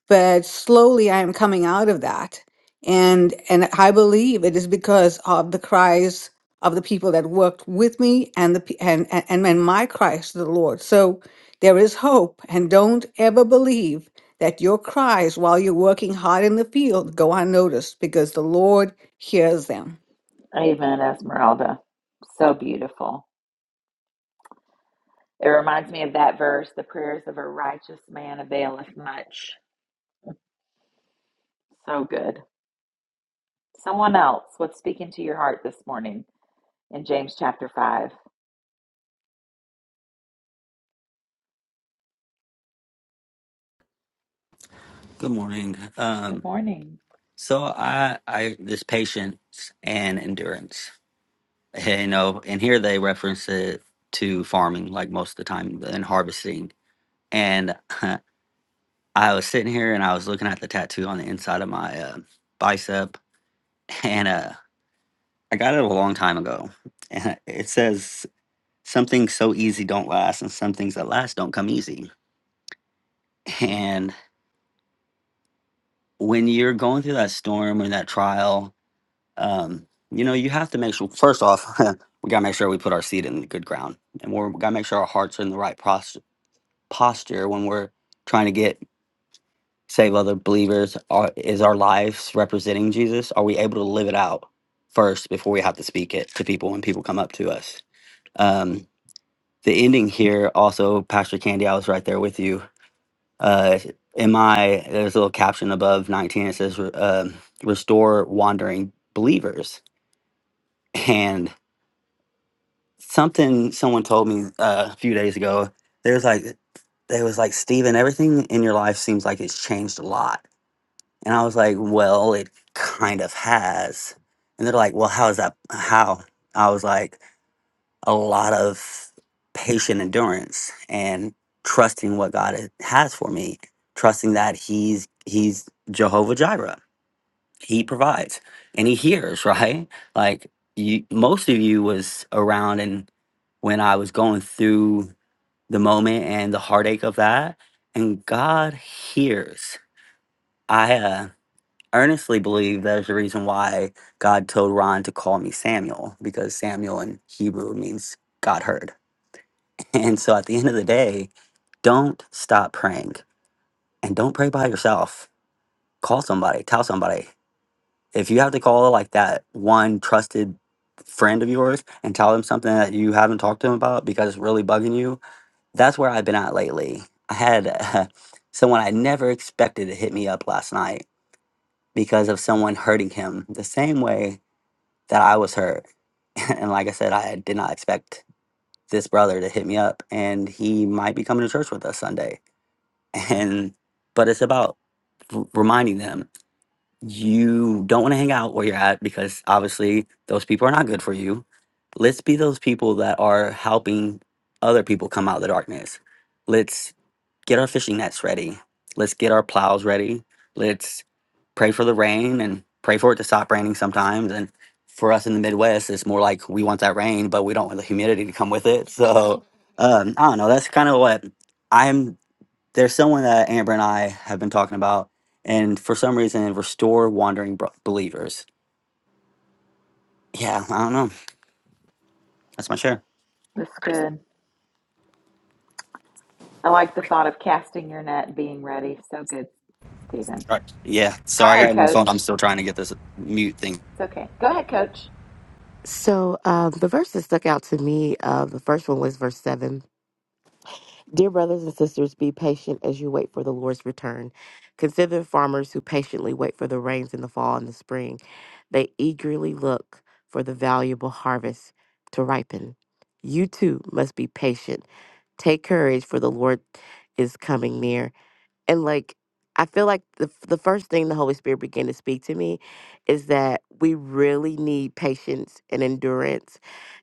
Speaker 6: but slowly i am coming out of that and and i believe it is because of the cries of the people that worked with me and the pe- and and, and and my cries to the lord so there is hope and don't ever believe that your cries while you're working hard in the field go unnoticed because the lord hears them
Speaker 1: Amen, Esmeralda. So beautiful. It reminds me of that verse the prayers of a righteous man availeth much. So good. Someone else, what's speaking to your heart this morning in James chapter 5?
Speaker 3: Good morning.
Speaker 1: Good
Speaker 3: Um,
Speaker 1: morning.
Speaker 3: so I, I this patience and endurance, you know, and here they reference it to farming, like most of the time, and harvesting. And I was sitting here and I was looking at the tattoo on the inside of my uh, bicep, and uh, I got it a long time ago. And it says, "Some things so easy don't last, and some things that last don't come easy." And when you're going through that storm or that trial, um, you know you have to make sure. First off, we gotta make sure we put our seed in the good ground, and we're, we gotta make sure our hearts are in the right pros- posture when we're trying to get save other believers? Are, is our lives representing Jesus? Are we able to live it out first before we have to speak it to people when people come up to us? Um, the ending here also, Pastor Candy, I was right there with you. Uh, in my, there's a little caption above 19, it says, re- um, restore wandering believers. And something someone told me uh, a few days ago, there's like, they was like, Stephen. everything in your life seems like it's changed a lot And I was like, well, it kind of has. And they're like, well, how is that? How? I was like, a lot of patient endurance and trusting what God ha- has for me, trusting that He's He's Jehovah Jireh. He provides and He hears, right? Like you, most of you was around and when I was going through the moment and the heartache of that, and God hears. I uh, earnestly believe that is the reason why God told Ron to call me Samuel, because Samuel in Hebrew means God heard. And so at the end of the day, don't stop praying and don't pray by yourself. Call somebody, tell somebody. If you have to call like that one trusted friend of yours and tell them something that you haven't talked to them about because it's really bugging you, that's where I've been at lately. I had uh, someone I never expected to hit me up last night because of someone hurting him the same way that I was hurt. and like I said, I did not expect this brother to hit me up, and he might be coming to church with us Sunday. And but it's about r- reminding them you don't want to hang out where you're at because obviously those people are not good for you. Let's be those people that are helping other people come out of the darkness. Let's get our fishing nets ready. Let's get our plows ready. Let's pray for the rain and pray for it to stop raining sometimes. And for us in the Midwest, it's more like we want that rain, but we don't want the humidity to come with it. So um, I don't know. That's kind of what I'm. There's someone that Amber and I have been talking about, and for some reason, restore wandering bro- believers. Yeah, I don't know. That's my share.
Speaker 1: That's good. I like the thought of casting your net and being ready. So good, Stephen.
Speaker 3: All right. Yeah.
Speaker 1: Go
Speaker 3: Sorry, I
Speaker 1: ahead,
Speaker 3: got a new phone.
Speaker 1: coach.
Speaker 3: I'm still trying to get this mute thing.
Speaker 1: It's okay. Go ahead, coach.
Speaker 5: So um, the verse that stuck out to me, uh, the first one was verse 7 Dear brothers and sisters, be patient as you wait for the Lord's return. Consider farmers who patiently wait for the rains in the fall and the spring. They eagerly look for the valuable harvest to ripen. You too must be patient. Take courage, for the Lord is coming near. And like, I feel like the, the first thing the Holy Spirit began to speak to me is that we really need patience and endurance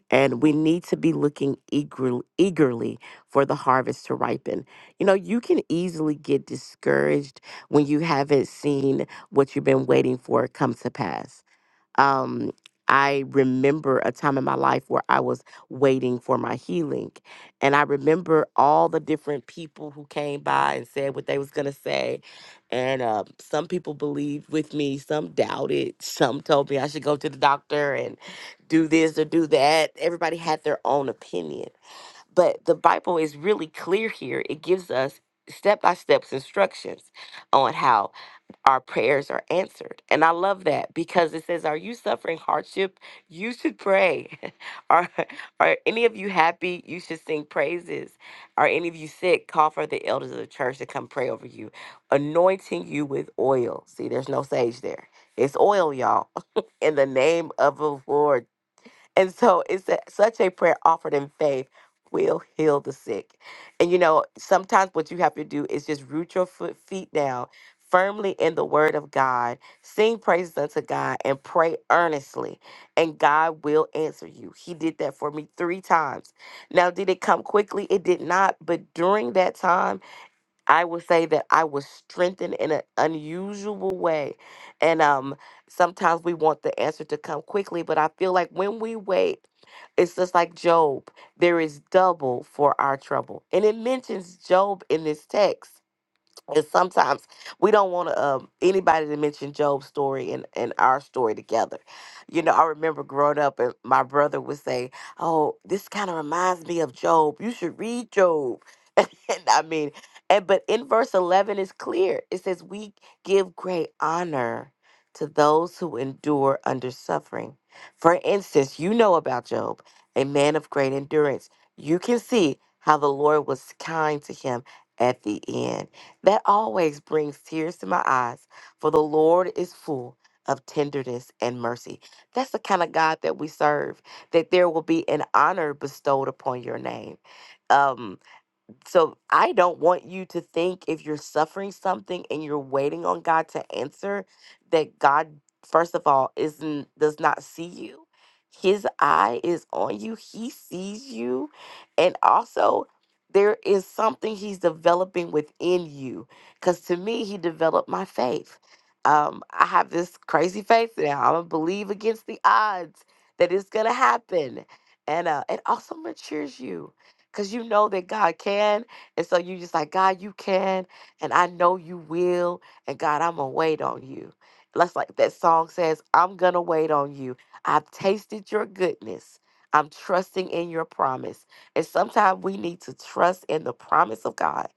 Speaker 5: and we need to be looking eagerly, eagerly for the harvest to ripen. You know, you can easily get discouraged when you haven't seen what you've been waiting for come to pass um, I remember a time in my life where I was waiting for my healing. And I remember all the different people who came by and said what they was going to say. And uh, some people believed with me, some doubted, some told me I should go to the doctor and do this or do that. Everybody had their own opinion. But the Bible is really clear here. It gives us step by step instructions on how our prayers are answered. And I love that because it says, Are you suffering hardship? You should pray. are, are any of you happy? You should sing praises. Are any of you sick? Call for the elders of the church to come pray over you, anointing you with oil. See, there's no sage there. It's oil, y'all, in the name of the Lord and so it's a, such a prayer offered in faith will heal the sick. And you know, sometimes what you have to do is just root your foot, feet down firmly in the word of God, sing praises unto God, and pray earnestly. And God will answer you. He did that for me three times. Now, did it come quickly? It did not. But during that time, I would say that I was strengthened in an unusual way. And um, sometimes we want the answer to come quickly, but I feel like when we wait, it's just like Job. There is double for our trouble. And it mentions Job in this text and sometimes we don't want to um, anybody to mention Job's story and, and our story together. You know, I remember growing up, and my brother would say, "Oh, this kind of reminds me of Job. You should read Job." and I mean, and but in verse eleven is clear. It says, "We give great honor to those who endure under suffering." For instance, you know about Job, a man of great endurance. You can see how the Lord was kind to him at the end that always brings tears to my eyes, for the Lord is full of tenderness and mercy. That's the kind of God that we serve, that there will be an honor bestowed upon your name. Um, so I don't want you to think if you're suffering something and you're waiting on God to answer that God first of all isn't does not see you. His eye is on you. He sees you and also there is something he's developing within you cuz to me he developed my faith. Um I have this crazy faith now. I'm going to believe against the odds that it's going to happen. And uh, it also matures you because you know that God can. And so you just like, God, you can, and I know you will. And God, I'm going to wait on you. That's like that song says, I'm going to wait on you. I've tasted your goodness. I'm trusting in your promise. And sometimes we need to trust in the promise of God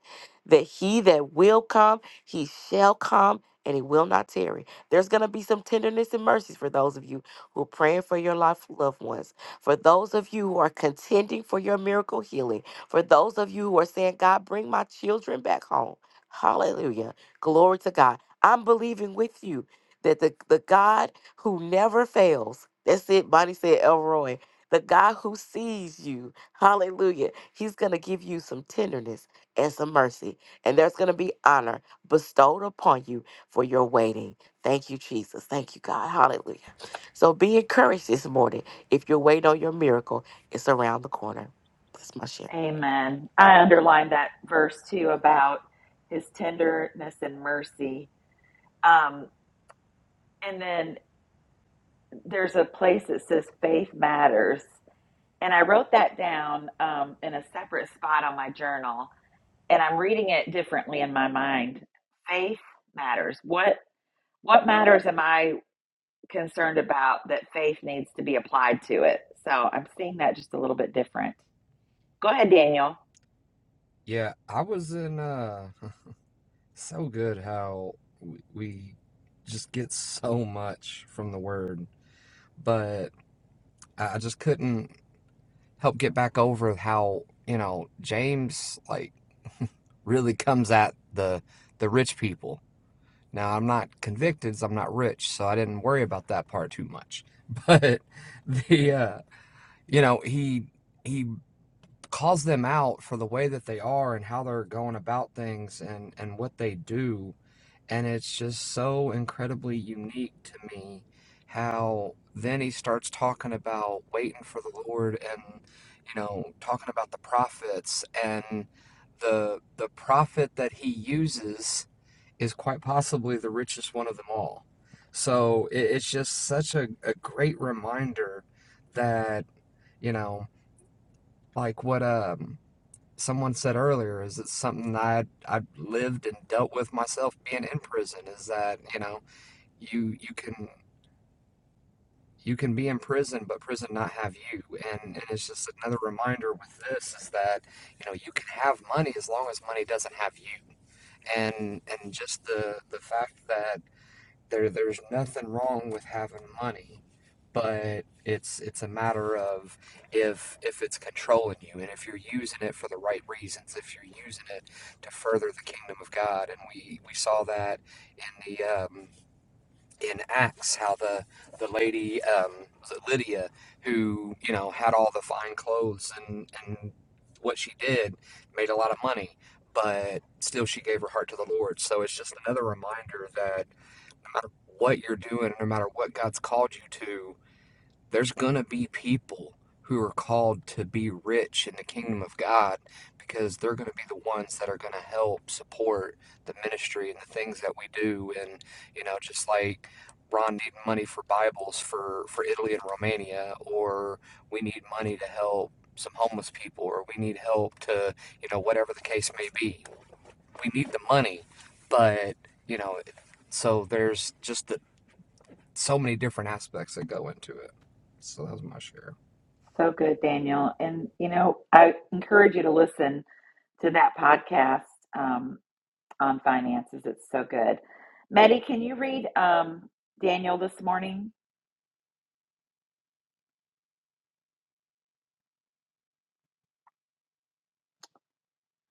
Speaker 5: that he that will come, he shall come and he will not tarry. There's going to be some tenderness and mercies for those of you who are praying for your life, loved ones for those of you who are contending for your miracle healing, for those of you who are saying, God, bring my children back home. Hallelujah. Glory to God. I'm believing with you that the, the God who never fails, that's it, Bonnie said, Elroy, the God who sees you, hallelujah, he's going to give you some tenderness and some mercy. And there's going to be honor bestowed upon you for your waiting. Thank you, Jesus. Thank you, God. Hallelujah. So be encouraged this morning. If you're waiting on your miracle, it's around the corner. That's my share.
Speaker 1: Amen. I underlined that verse too about his tenderness and mercy. Um, and then there's a place that says faith matters and i wrote that down um, in a separate spot on my journal and i'm reading it differently in my mind faith matters what what matters am i concerned about that faith needs to be applied to it so i'm seeing that just a little bit different go ahead daniel
Speaker 7: Yeah, I was in uh so good how w- we just get so much from the word, but I I just couldn't help get back over how, you know, James like really comes at the the rich people Now, I'm not convicted, so I'm not rich, so I didn't worry about that part too much. But the uh, you know, he he calls them out for the way that they are and how they're going about things and and what they do, and it's just so incredibly unique to me how then he starts talking about waiting for the Lord and you know, talking about the prophets and the the prophet that he uses is quite possibly the richest one of them all. So it, it's just such a, a great reminder that, you know, like what um, someone said earlier is it's something that I I lived and dealt with myself being in prison is that, you know, you you can you can be in prison but prison not have you. And and it's just another reminder with this is that, you know, you can have money as long as money doesn't have you. And and just the the fact that there there's nothing wrong with having money but it's it's a matter of if if it's controlling you and if you're using it for the right reasons if you're using it to further the kingdom of God and we we saw that in the um, in Acts how the the lady um, was it Lydia who you know had all the fine clothes and and what she did made a lot of money but still she gave her heart to the Lord so it's just another reminder that what you're doing, no matter what God's called you to, there's going to be people who are called to be rich in the kingdom of God because they're going to be the ones that are going to help support the ministry and the things that we do. And, you know, just like Ron needing money for Bibles for, for Italy and Romania, or we need money to help some homeless people, or we need help to, you know, whatever the case may be. We need the money, but, you know, so there's just the, so many different aspects that go into it. So that was my share.
Speaker 1: so good daniel and you know i encourage you to listen to that podcast Um, on finances. It's so good. Maddie, can you read um, Daniel this morning?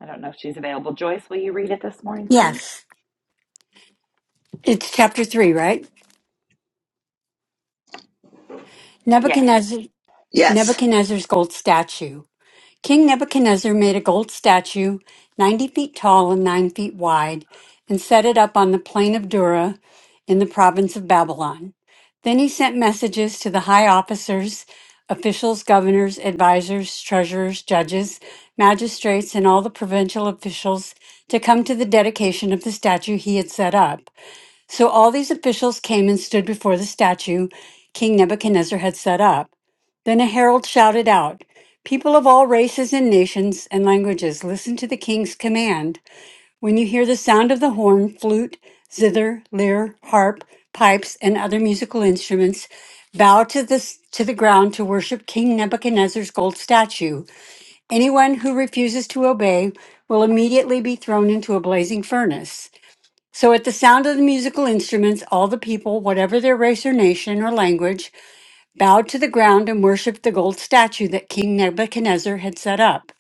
Speaker 1: I don't know if she's available. Joyce, will you read it this morning, please?
Speaker 10: Yes, it's chapter three, right?
Speaker 1: Yes.
Speaker 10: Nebuchadnezzar,
Speaker 11: Yes.
Speaker 10: Nebuchadnezzar's gold statue. King Nebuchadnezzar made a gold statue, 90 feet tall and 9 feet wide, and set it up on the plain of Dura in the province of Babylon. Then he sent messages to the high officers, officials, governors, advisors, treasurers, judges, magistrates, and all the provincial officials to come to the dedication of the statue he had set up. So all these officials came and stood before the statue King Nebuchadnezzar had set up. Then a herald shouted out, People of all races and nations and languages, listen to the king's command. When you hear the sound of the horn, flute, zither, lyre, harp, pipes, and other musical instruments, bow to the, to the ground to worship King Nebuchadnezzar's gold statue. Anyone who refuses to obey will immediately be thrown into a blazing furnace. So, at the sound of the musical instruments, all the people, whatever their race or nation or language, bowed to the ground and worshiped the gold statue that King Nebuchadnezzar had set up.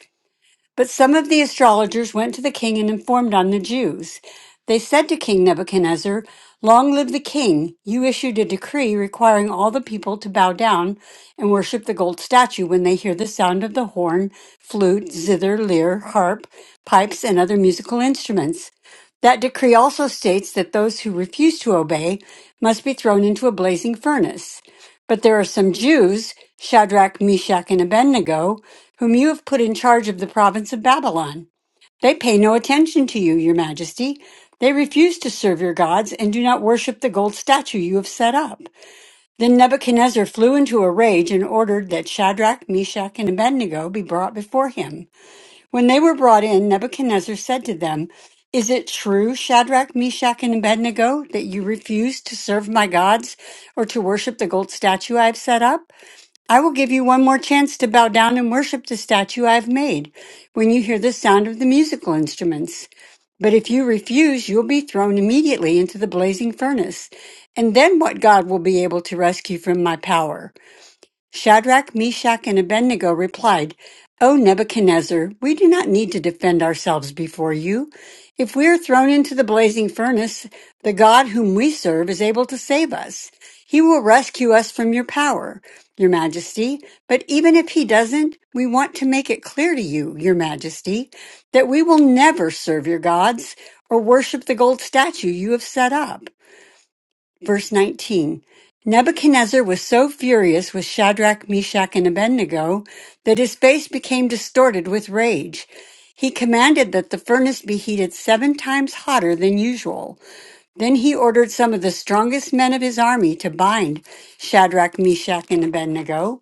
Speaker 10: But some of the astrologers went to the king and informed on the Jews. They said to King Nebuchadnezzar, Long live the king! You issued a decree requiring all the people to bow down and worship the gold statue when they hear the sound of the horn, flute, zither, lyre, harp, pipes, and other musical instruments. That decree also states that those who refuse to obey must be thrown into a blazing furnace. But there are some Jews, Shadrach, Meshach, and Abednego, whom you have put in charge of the province of Babylon. They pay no attention to you, your majesty. They refuse to serve your gods and do not worship the gold statue you have set up. Then Nebuchadnezzar flew into a rage and ordered that Shadrach, Meshach, and Abednego be brought before him. When they were brought in, Nebuchadnezzar said to them, Is it true, Shadrach, Meshach, and Abednego, that you refuse to serve my gods or to worship the gold statue I have set up? I will give you one more chance to bow down and worship the statue I have made when you hear the sound of the musical instruments. But if you refuse, you'll be thrown immediately into the blazing furnace. And then what God will be able to rescue from my power? Shadrach, Meshach, and Abednego replied, O Nebuchadnezzar, we do not need to defend ourselves before you. If we are thrown into the blazing furnace, the God whom we serve is able to save us. He will rescue us from your power, your majesty. But even if he doesn't, we want to make it clear to you, your majesty, that we will never serve your gods or worship the gold statue you have set up. Verse 19 Nebuchadnezzar was so furious with Shadrach, Meshach, and Abednego that his face became distorted with rage. He commanded that the furnace be heated seven times hotter than usual. Then he ordered some of the strongest men of his army to bind Shadrach, Meshach, and Abednego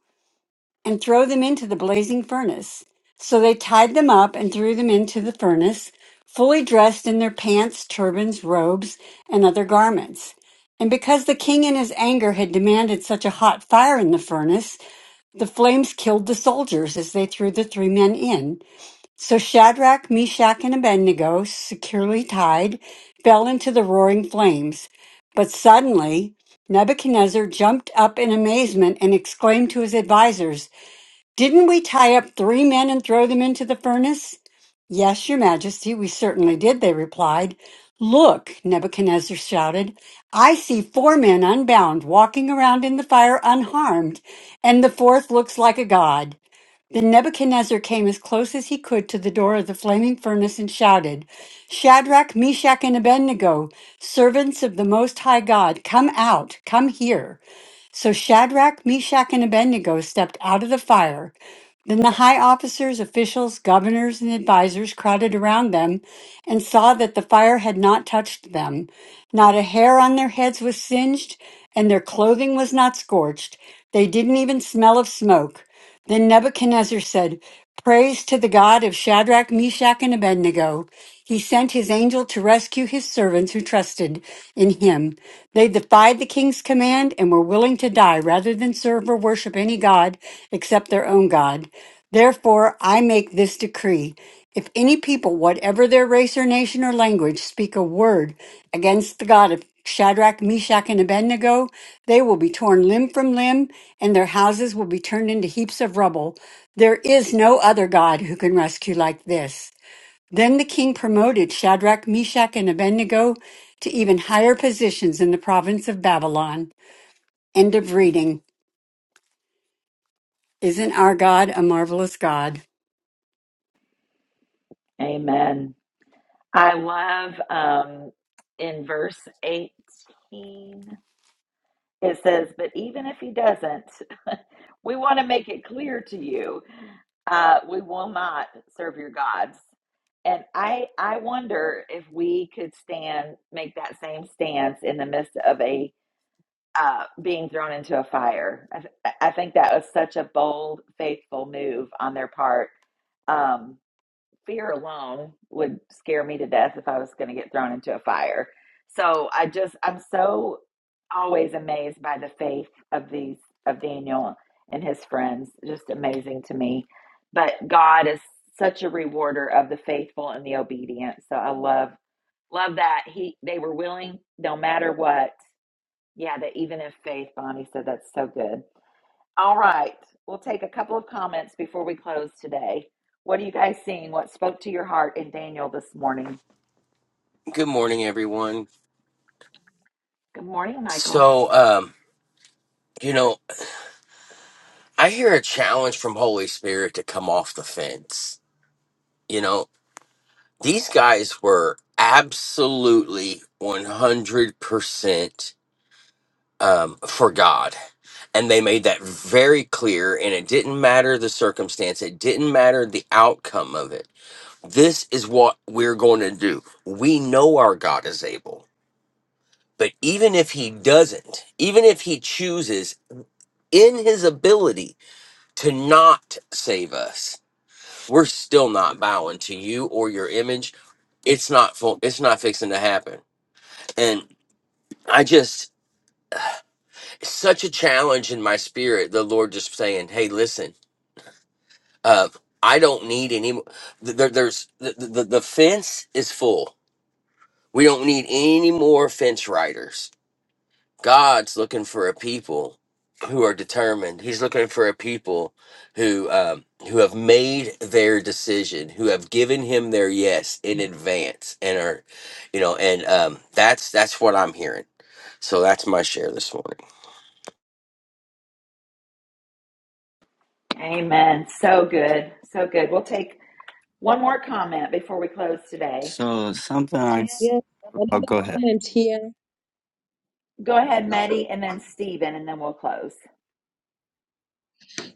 Speaker 10: and throw them into the blazing furnace. So they tied them up and threw them into the furnace, fully dressed in their pants, turbans, robes, and other garments. And because the king in his anger had demanded such a hot fire in the furnace, the flames killed the soldiers as they threw the three men in. So Shadrach, Meshach, and Abednego, securely tied, fell into the roaring flames. But suddenly, Nebuchadnezzar jumped up in amazement and exclaimed to his advisers, didn't we tie up three men and throw them into the furnace? Yes, your majesty, we certainly did, they replied. Look, Nebuchadnezzar shouted, I see four men unbound walking around in the fire unharmed, and the fourth looks like a god. Then Nebuchadnezzar came as close as he could to the door of the flaming furnace and shouted, Shadrach, Meshach, and Abednego, servants of the Most High God, come out, come here. So Shadrach, Meshach, and Abednego stepped out of the fire. Then the high officers, officials, governors, and advisers crowded around them and saw that the fire had not touched them. Not a hair on their heads was singed, and their clothing was not scorched. They didn't even smell of smoke. Then Nebuchadnezzar said, Praise to the God of Shadrach, Meshach, and Abednego. He sent his angel to rescue his servants who trusted in him. They defied the king's command and were willing to die rather than serve or worship any God except their own God. Therefore, I make this decree. If any people, whatever their race or nation or language, speak a word against the God of Shadrach, Meshach, and Abednego, they will be torn limb from limb, and their houses will be turned into heaps of rubble. There is no other God who can rescue like this. Then the king promoted Shadrach, Meshach, and Abednego to even higher positions in the province of Babylon. End of reading. Isn't our God a marvelous God?
Speaker 1: Amen. I love um, in verse 18, it says, But even if he doesn't, we want to make it clear to you uh, we will not serve your gods. And I, I wonder if we could stand, make that same stance in the midst of a uh, being thrown into a fire. I, th- I think that was such a bold, faithful move on their part. Um, fear alone would scare me to death if I was going to get thrown into a fire. So I just, I'm so always amazed by the faith of these, of Daniel and his friends. Just amazing to me. But God is such a rewarder of the faithful and the obedient. So I love, love that he, they were willing no matter what yeah, that even in faith, Bonnie said that's so good. All right, we'll take a couple of comments before we close today. What are you guys seeing? What spoke to your heart in Daniel this morning?
Speaker 12: Good morning, everyone.
Speaker 1: Good morning, Michael.
Speaker 12: So, um, you know, I hear a challenge from Holy Spirit to come off the fence. You know, these guys were absolutely 100% um, for God. And they made that very clear. And it didn't matter the circumstance, it didn't matter the outcome of it. This is what we're going to do. We know our God is able. But even if he doesn't, even if he chooses in his ability to not save us. We're still not bowing to you or your image. It's not full, it's not fixing to happen. And I just such a challenge in my spirit. The Lord just saying, "Hey, listen, uh, I don't need any. mo- th- There, there's the, the the fence is full. We don't need any more fence riders." God's looking for a people who are determined. He's looking for a people who um, who have made their decision, who have given him their yes in advance, and are, you know, and um, that's that's what I'm hearing. So that's my share this morning.
Speaker 1: Amen. So good. So good. We'll take one more comment before we close today.
Speaker 3: So something I. s-
Speaker 9: Yes,
Speaker 3: Oh,
Speaker 9: another
Speaker 3: go ahead.
Speaker 9: comment here.
Speaker 1: Go ahead, Meddy, and then Stephen, and then we'll close.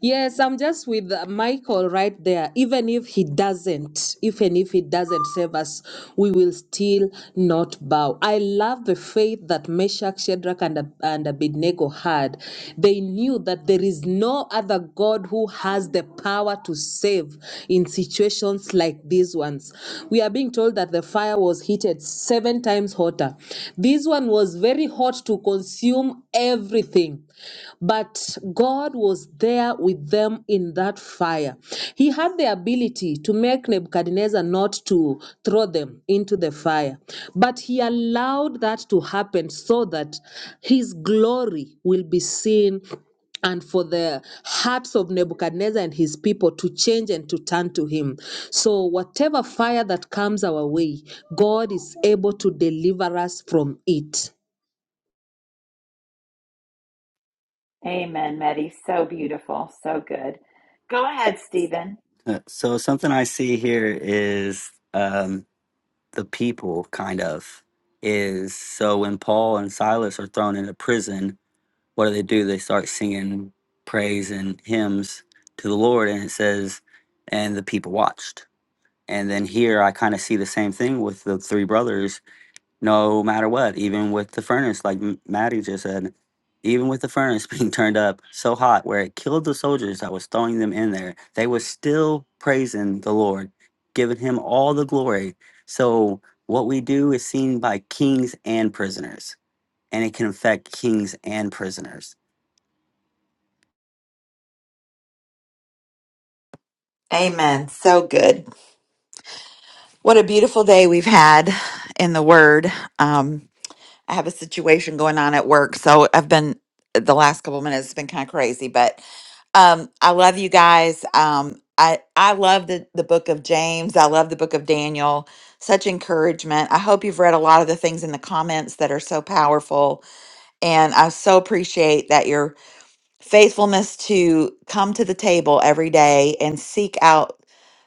Speaker 9: Yes, I'm just with uh, Michael right there. Even if he doesn't, even if he doesn't save us, we will still not bow. I love the faith that Meshach, Shadrach, and, Ab- and Abednego had. They knew that there is no other God who has the power to save in situations like these ones. We are being told that the fire was heated seven times hotter. This one was very hot to consume everything him. But God was there with them in that fire. He had the ability to make Nebuchadnezzar not to throw them into the fire, but he allowed that to happen so that his glory will be seen and for the hearts of Nebuchadnezzar and his people to change and to turn to him. So, whatever fire that comes our way, God is able to deliver us from it.
Speaker 1: Amen, Meddy. So beautiful. So good. Go ahead, Stephen.
Speaker 3: Uh, so something I see here is um, the people kind of is so when Paul and Silas are thrown into prison, what do they do? They start singing praise and hymns to the Lord, and it says, and the people watched. And then here I kind of see the same thing with the three brothers no matter what, even with the furnace, like M- Maddie just said, even with the furnace being turned up so hot where it killed the soldiers that was throwing them in there, they were still praising the Lord, giving him all the glory. So what we do is seen by kings and prisoners, and it can affect kings and prisoners.
Speaker 1: Amen. So good. What a beautiful day we've had in the Word. Um, I have a situation going on at work, so I've been the last couple of minutes has been kind of crazy, but um, I love you guys. Um, I I love the the book of James. I love the book of Daniel. Such encouragement. I hope you've read a lot of the things in the comments that are so powerful, and I so appreciate that your faithfulness to come to the table every day and seek out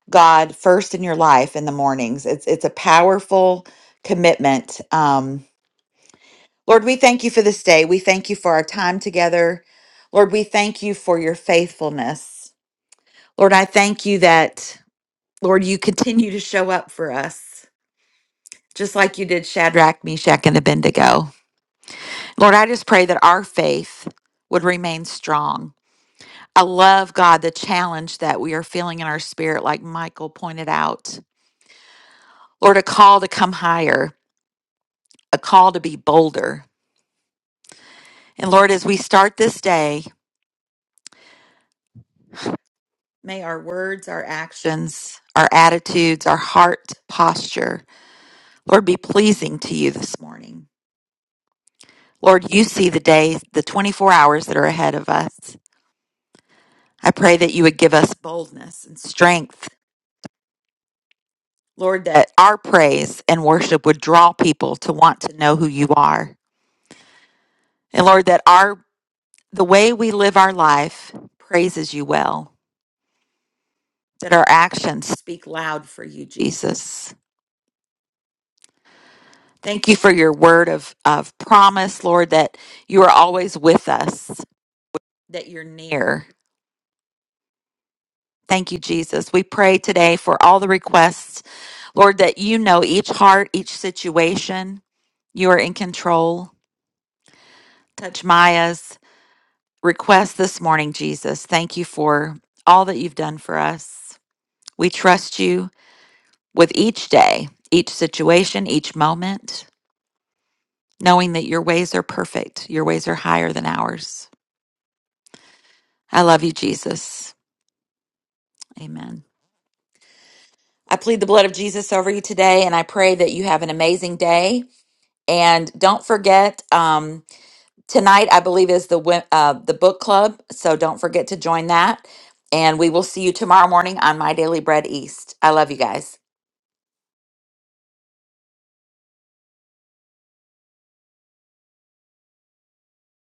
Speaker 1: God first in your life in the mornings. It's it's a powerful commitment. Um, Lord, we thank you for this day. We thank you for our time together. Lord, we thank you for your faithfulness. Lord, I thank you that, Lord, you continue to show up for us, just like you did Shadrach, Meshach, and Abednego. Lord, I just pray that our faith would remain strong. I love, God, the challenge that we are feeling in our spirit, like Michael pointed out. Lord, a call to come higher, a call to be bolder. And Lord, as we start this day, May our words, our actions, our attitudes, our heart posture, Lord, be pleasing to you this morning. Lord, you see the day, the 24 hours that are ahead of us. I pray that you would give us boldness and strength. Lord, that our praise and worship would draw people to want to know who you are. And Lord, that our the way we live our life praises you well. That our actions speak loud for you, Jesus. Thank you for your word of, of promise, Lord, that you are always with us, that you're near. Thank you, Jesus. We pray today for all the requests, Lord, that you know each heart, each situation. You are in control. Touch Maya's request this morning, Jesus. Thank you for all that you've done for us. We trust you with each day, each situation, each moment, knowing that your ways are perfect, your ways are higher than ours. I love you, Jesus. Amen. I plead the blood of Jesus over you today, and I pray that you have an amazing day. And don't forget, um, tonight I believe is the wi- uh, the book club, so don't forget to join that. And we will see you tomorrow morning on My Daily Bread East. I love you guys.